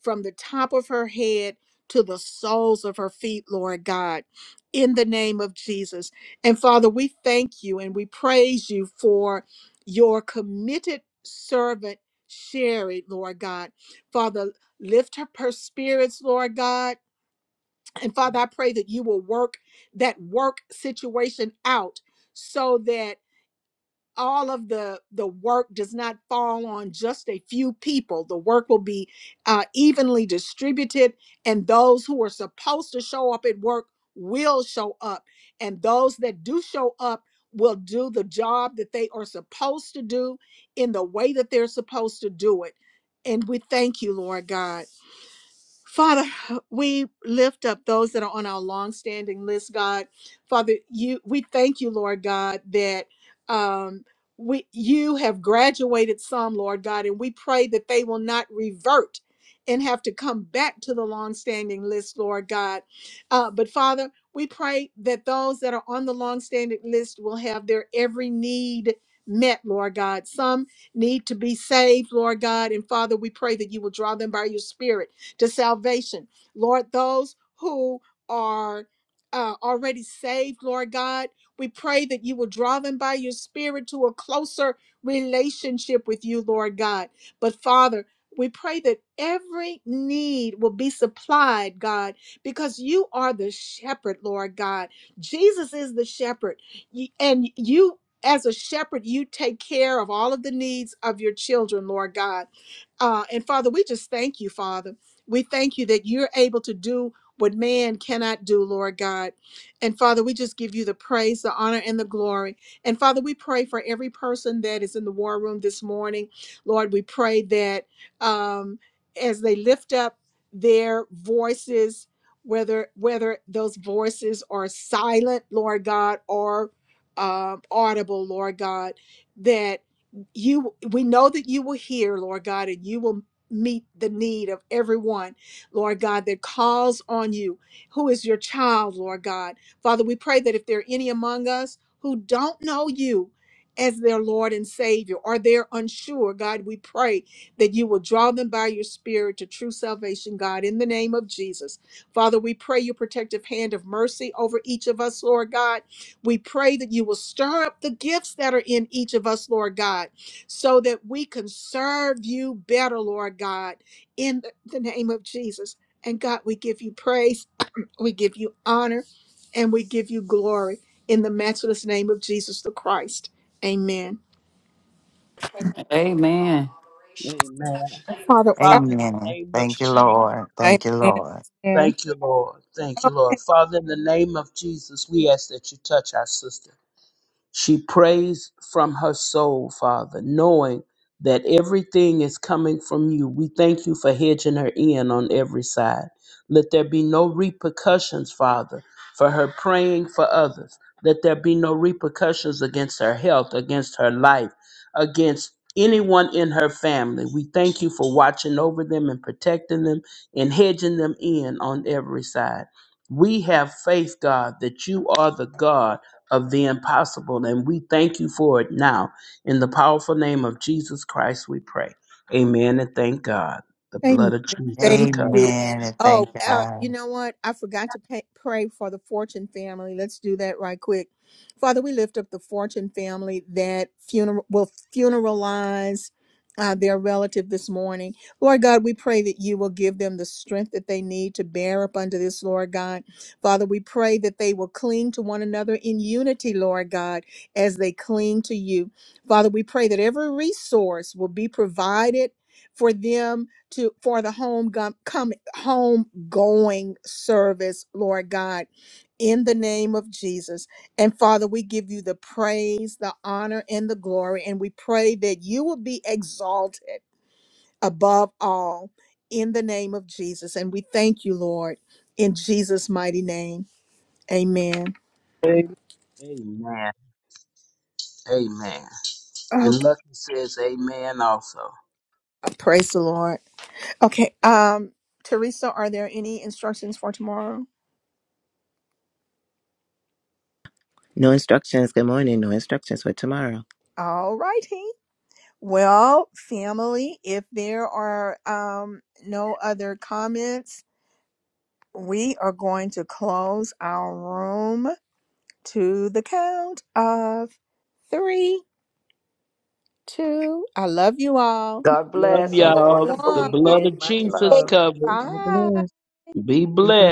from the top of her head to the soles of her feet, Lord God, in the name of Jesus. And Father, we thank you and we praise you for your committed servant, Sherry, Lord God. Father, lift up her spirits, Lord God. And Father, I pray that you will work that work situation out so that all of the the work does not fall on just a few people the work will be uh, evenly distributed and those who are supposed to show up at work will show up and those that do show up will do the job that they are supposed to do in the way that they're supposed to do it and we thank you lord god Father, we lift up those that are on our long-standing list, God. Father, you we thank you, Lord God, that um we you have graduated some, Lord God, and we pray that they will not revert and have to come back to the long-standing list, Lord God. Uh, but Father, we pray that those that are on the long-standing list will have their every need met, Lord God. Some need to be saved, Lord God, and Father, we pray that you will draw them by your spirit to salvation. Lord, those who are uh, already saved, Lord God, we pray that you will draw them by your spirit to a closer relationship with you, Lord God. But Father, we pray that every need will be supplied, God, because you are the shepherd, Lord God. Jesus is the shepherd. Y- And you, as a shepherd, you take care of all of the needs of your children, Lord God. Uh, and Father, we just thank you, Father. We thank you that you're able to do what man cannot do, Lord God. And Father, we just give you the praise, the honor, and the glory. And Father, we pray for every person that is in the war room this morning. Lord, we pray that um, as they lift up their voices, whether whether those voices are silent, Lord God, or um, audible, Lord God, that you we know that you will hear lord god and you will meet the need of everyone, Lord God, that calls on you, who is your child, Lord God. Father, we pray that if there are any among us who don't know you, as their Lord and Savior, or they're unsure, God, we pray that you will draw them by your Spirit to true salvation, God, in the name of Jesus. Father, we pray your protective hand of mercy over each of us, Lord God. We pray that you will stir up the gifts that are in each of us, Lord God so that we can serve you better, Lord God, in the name of Jesus. And God, we give you praise, we give you honor, and we give you glory in the matchless name of Jesus the Christ. Amen. Amen. Amen. Father, Father, in the Amen. name of Thank you, Jesus. Lord. amen. Thank you, Lord. amen. Thank you, Lord. Thank you, Lord. Father, in the name of Jesus, we ask that you touch our sister. She prays from her soul, Father, knowing that everything is coming from you. We thank you for hedging her in on every side. Let there be no repercussions, Father, for her praying for others. Let there be no repercussions against her health, against her life, against anyone in her family. We thank you for watching over them and protecting them and hedging them in on every side. We have faith, God, that you are the God of the impossible. And we thank you for it now. In the powerful name of Jesus Christ, we pray. Amen. And thank God. The blood Amen. of Jesus Thank comes. you. Amen. And Oh, thank uh, God. you know what? I forgot to pay, pray for the Fortune family. Let's do that right quick. Father, we lift up the Fortune family that funeral will funeralize uh, their relative this morning. Lord God, we pray that you will give them the strength that they need to bear up under this, Lord God. Father, we pray that they will cling to one another in unity, Lord God, as they cling to you. Father, we pray that every resource will be provided for them to for the home gum, come home going service lord god in the name of jesus and father we give you the praise the honor and the glory and we pray that you will be exalted above all in the name of jesus and we thank you lord in jesus mighty name amen Amen. Amen. And okay Lucky says, Amen also. praise the lord okay um teresa are there any instructions for tomorrow No instructions. Good morning. No instructions for tomorrow. all righty Well, family, if there are um, no other comments, we are going to close our room to the count of three, two. I love you all. God Love bless. Have And a y'all. wonderful The one. blood of weekend. Much Jesus love. covers. God Bye. bless. Be Be blessed. blessed.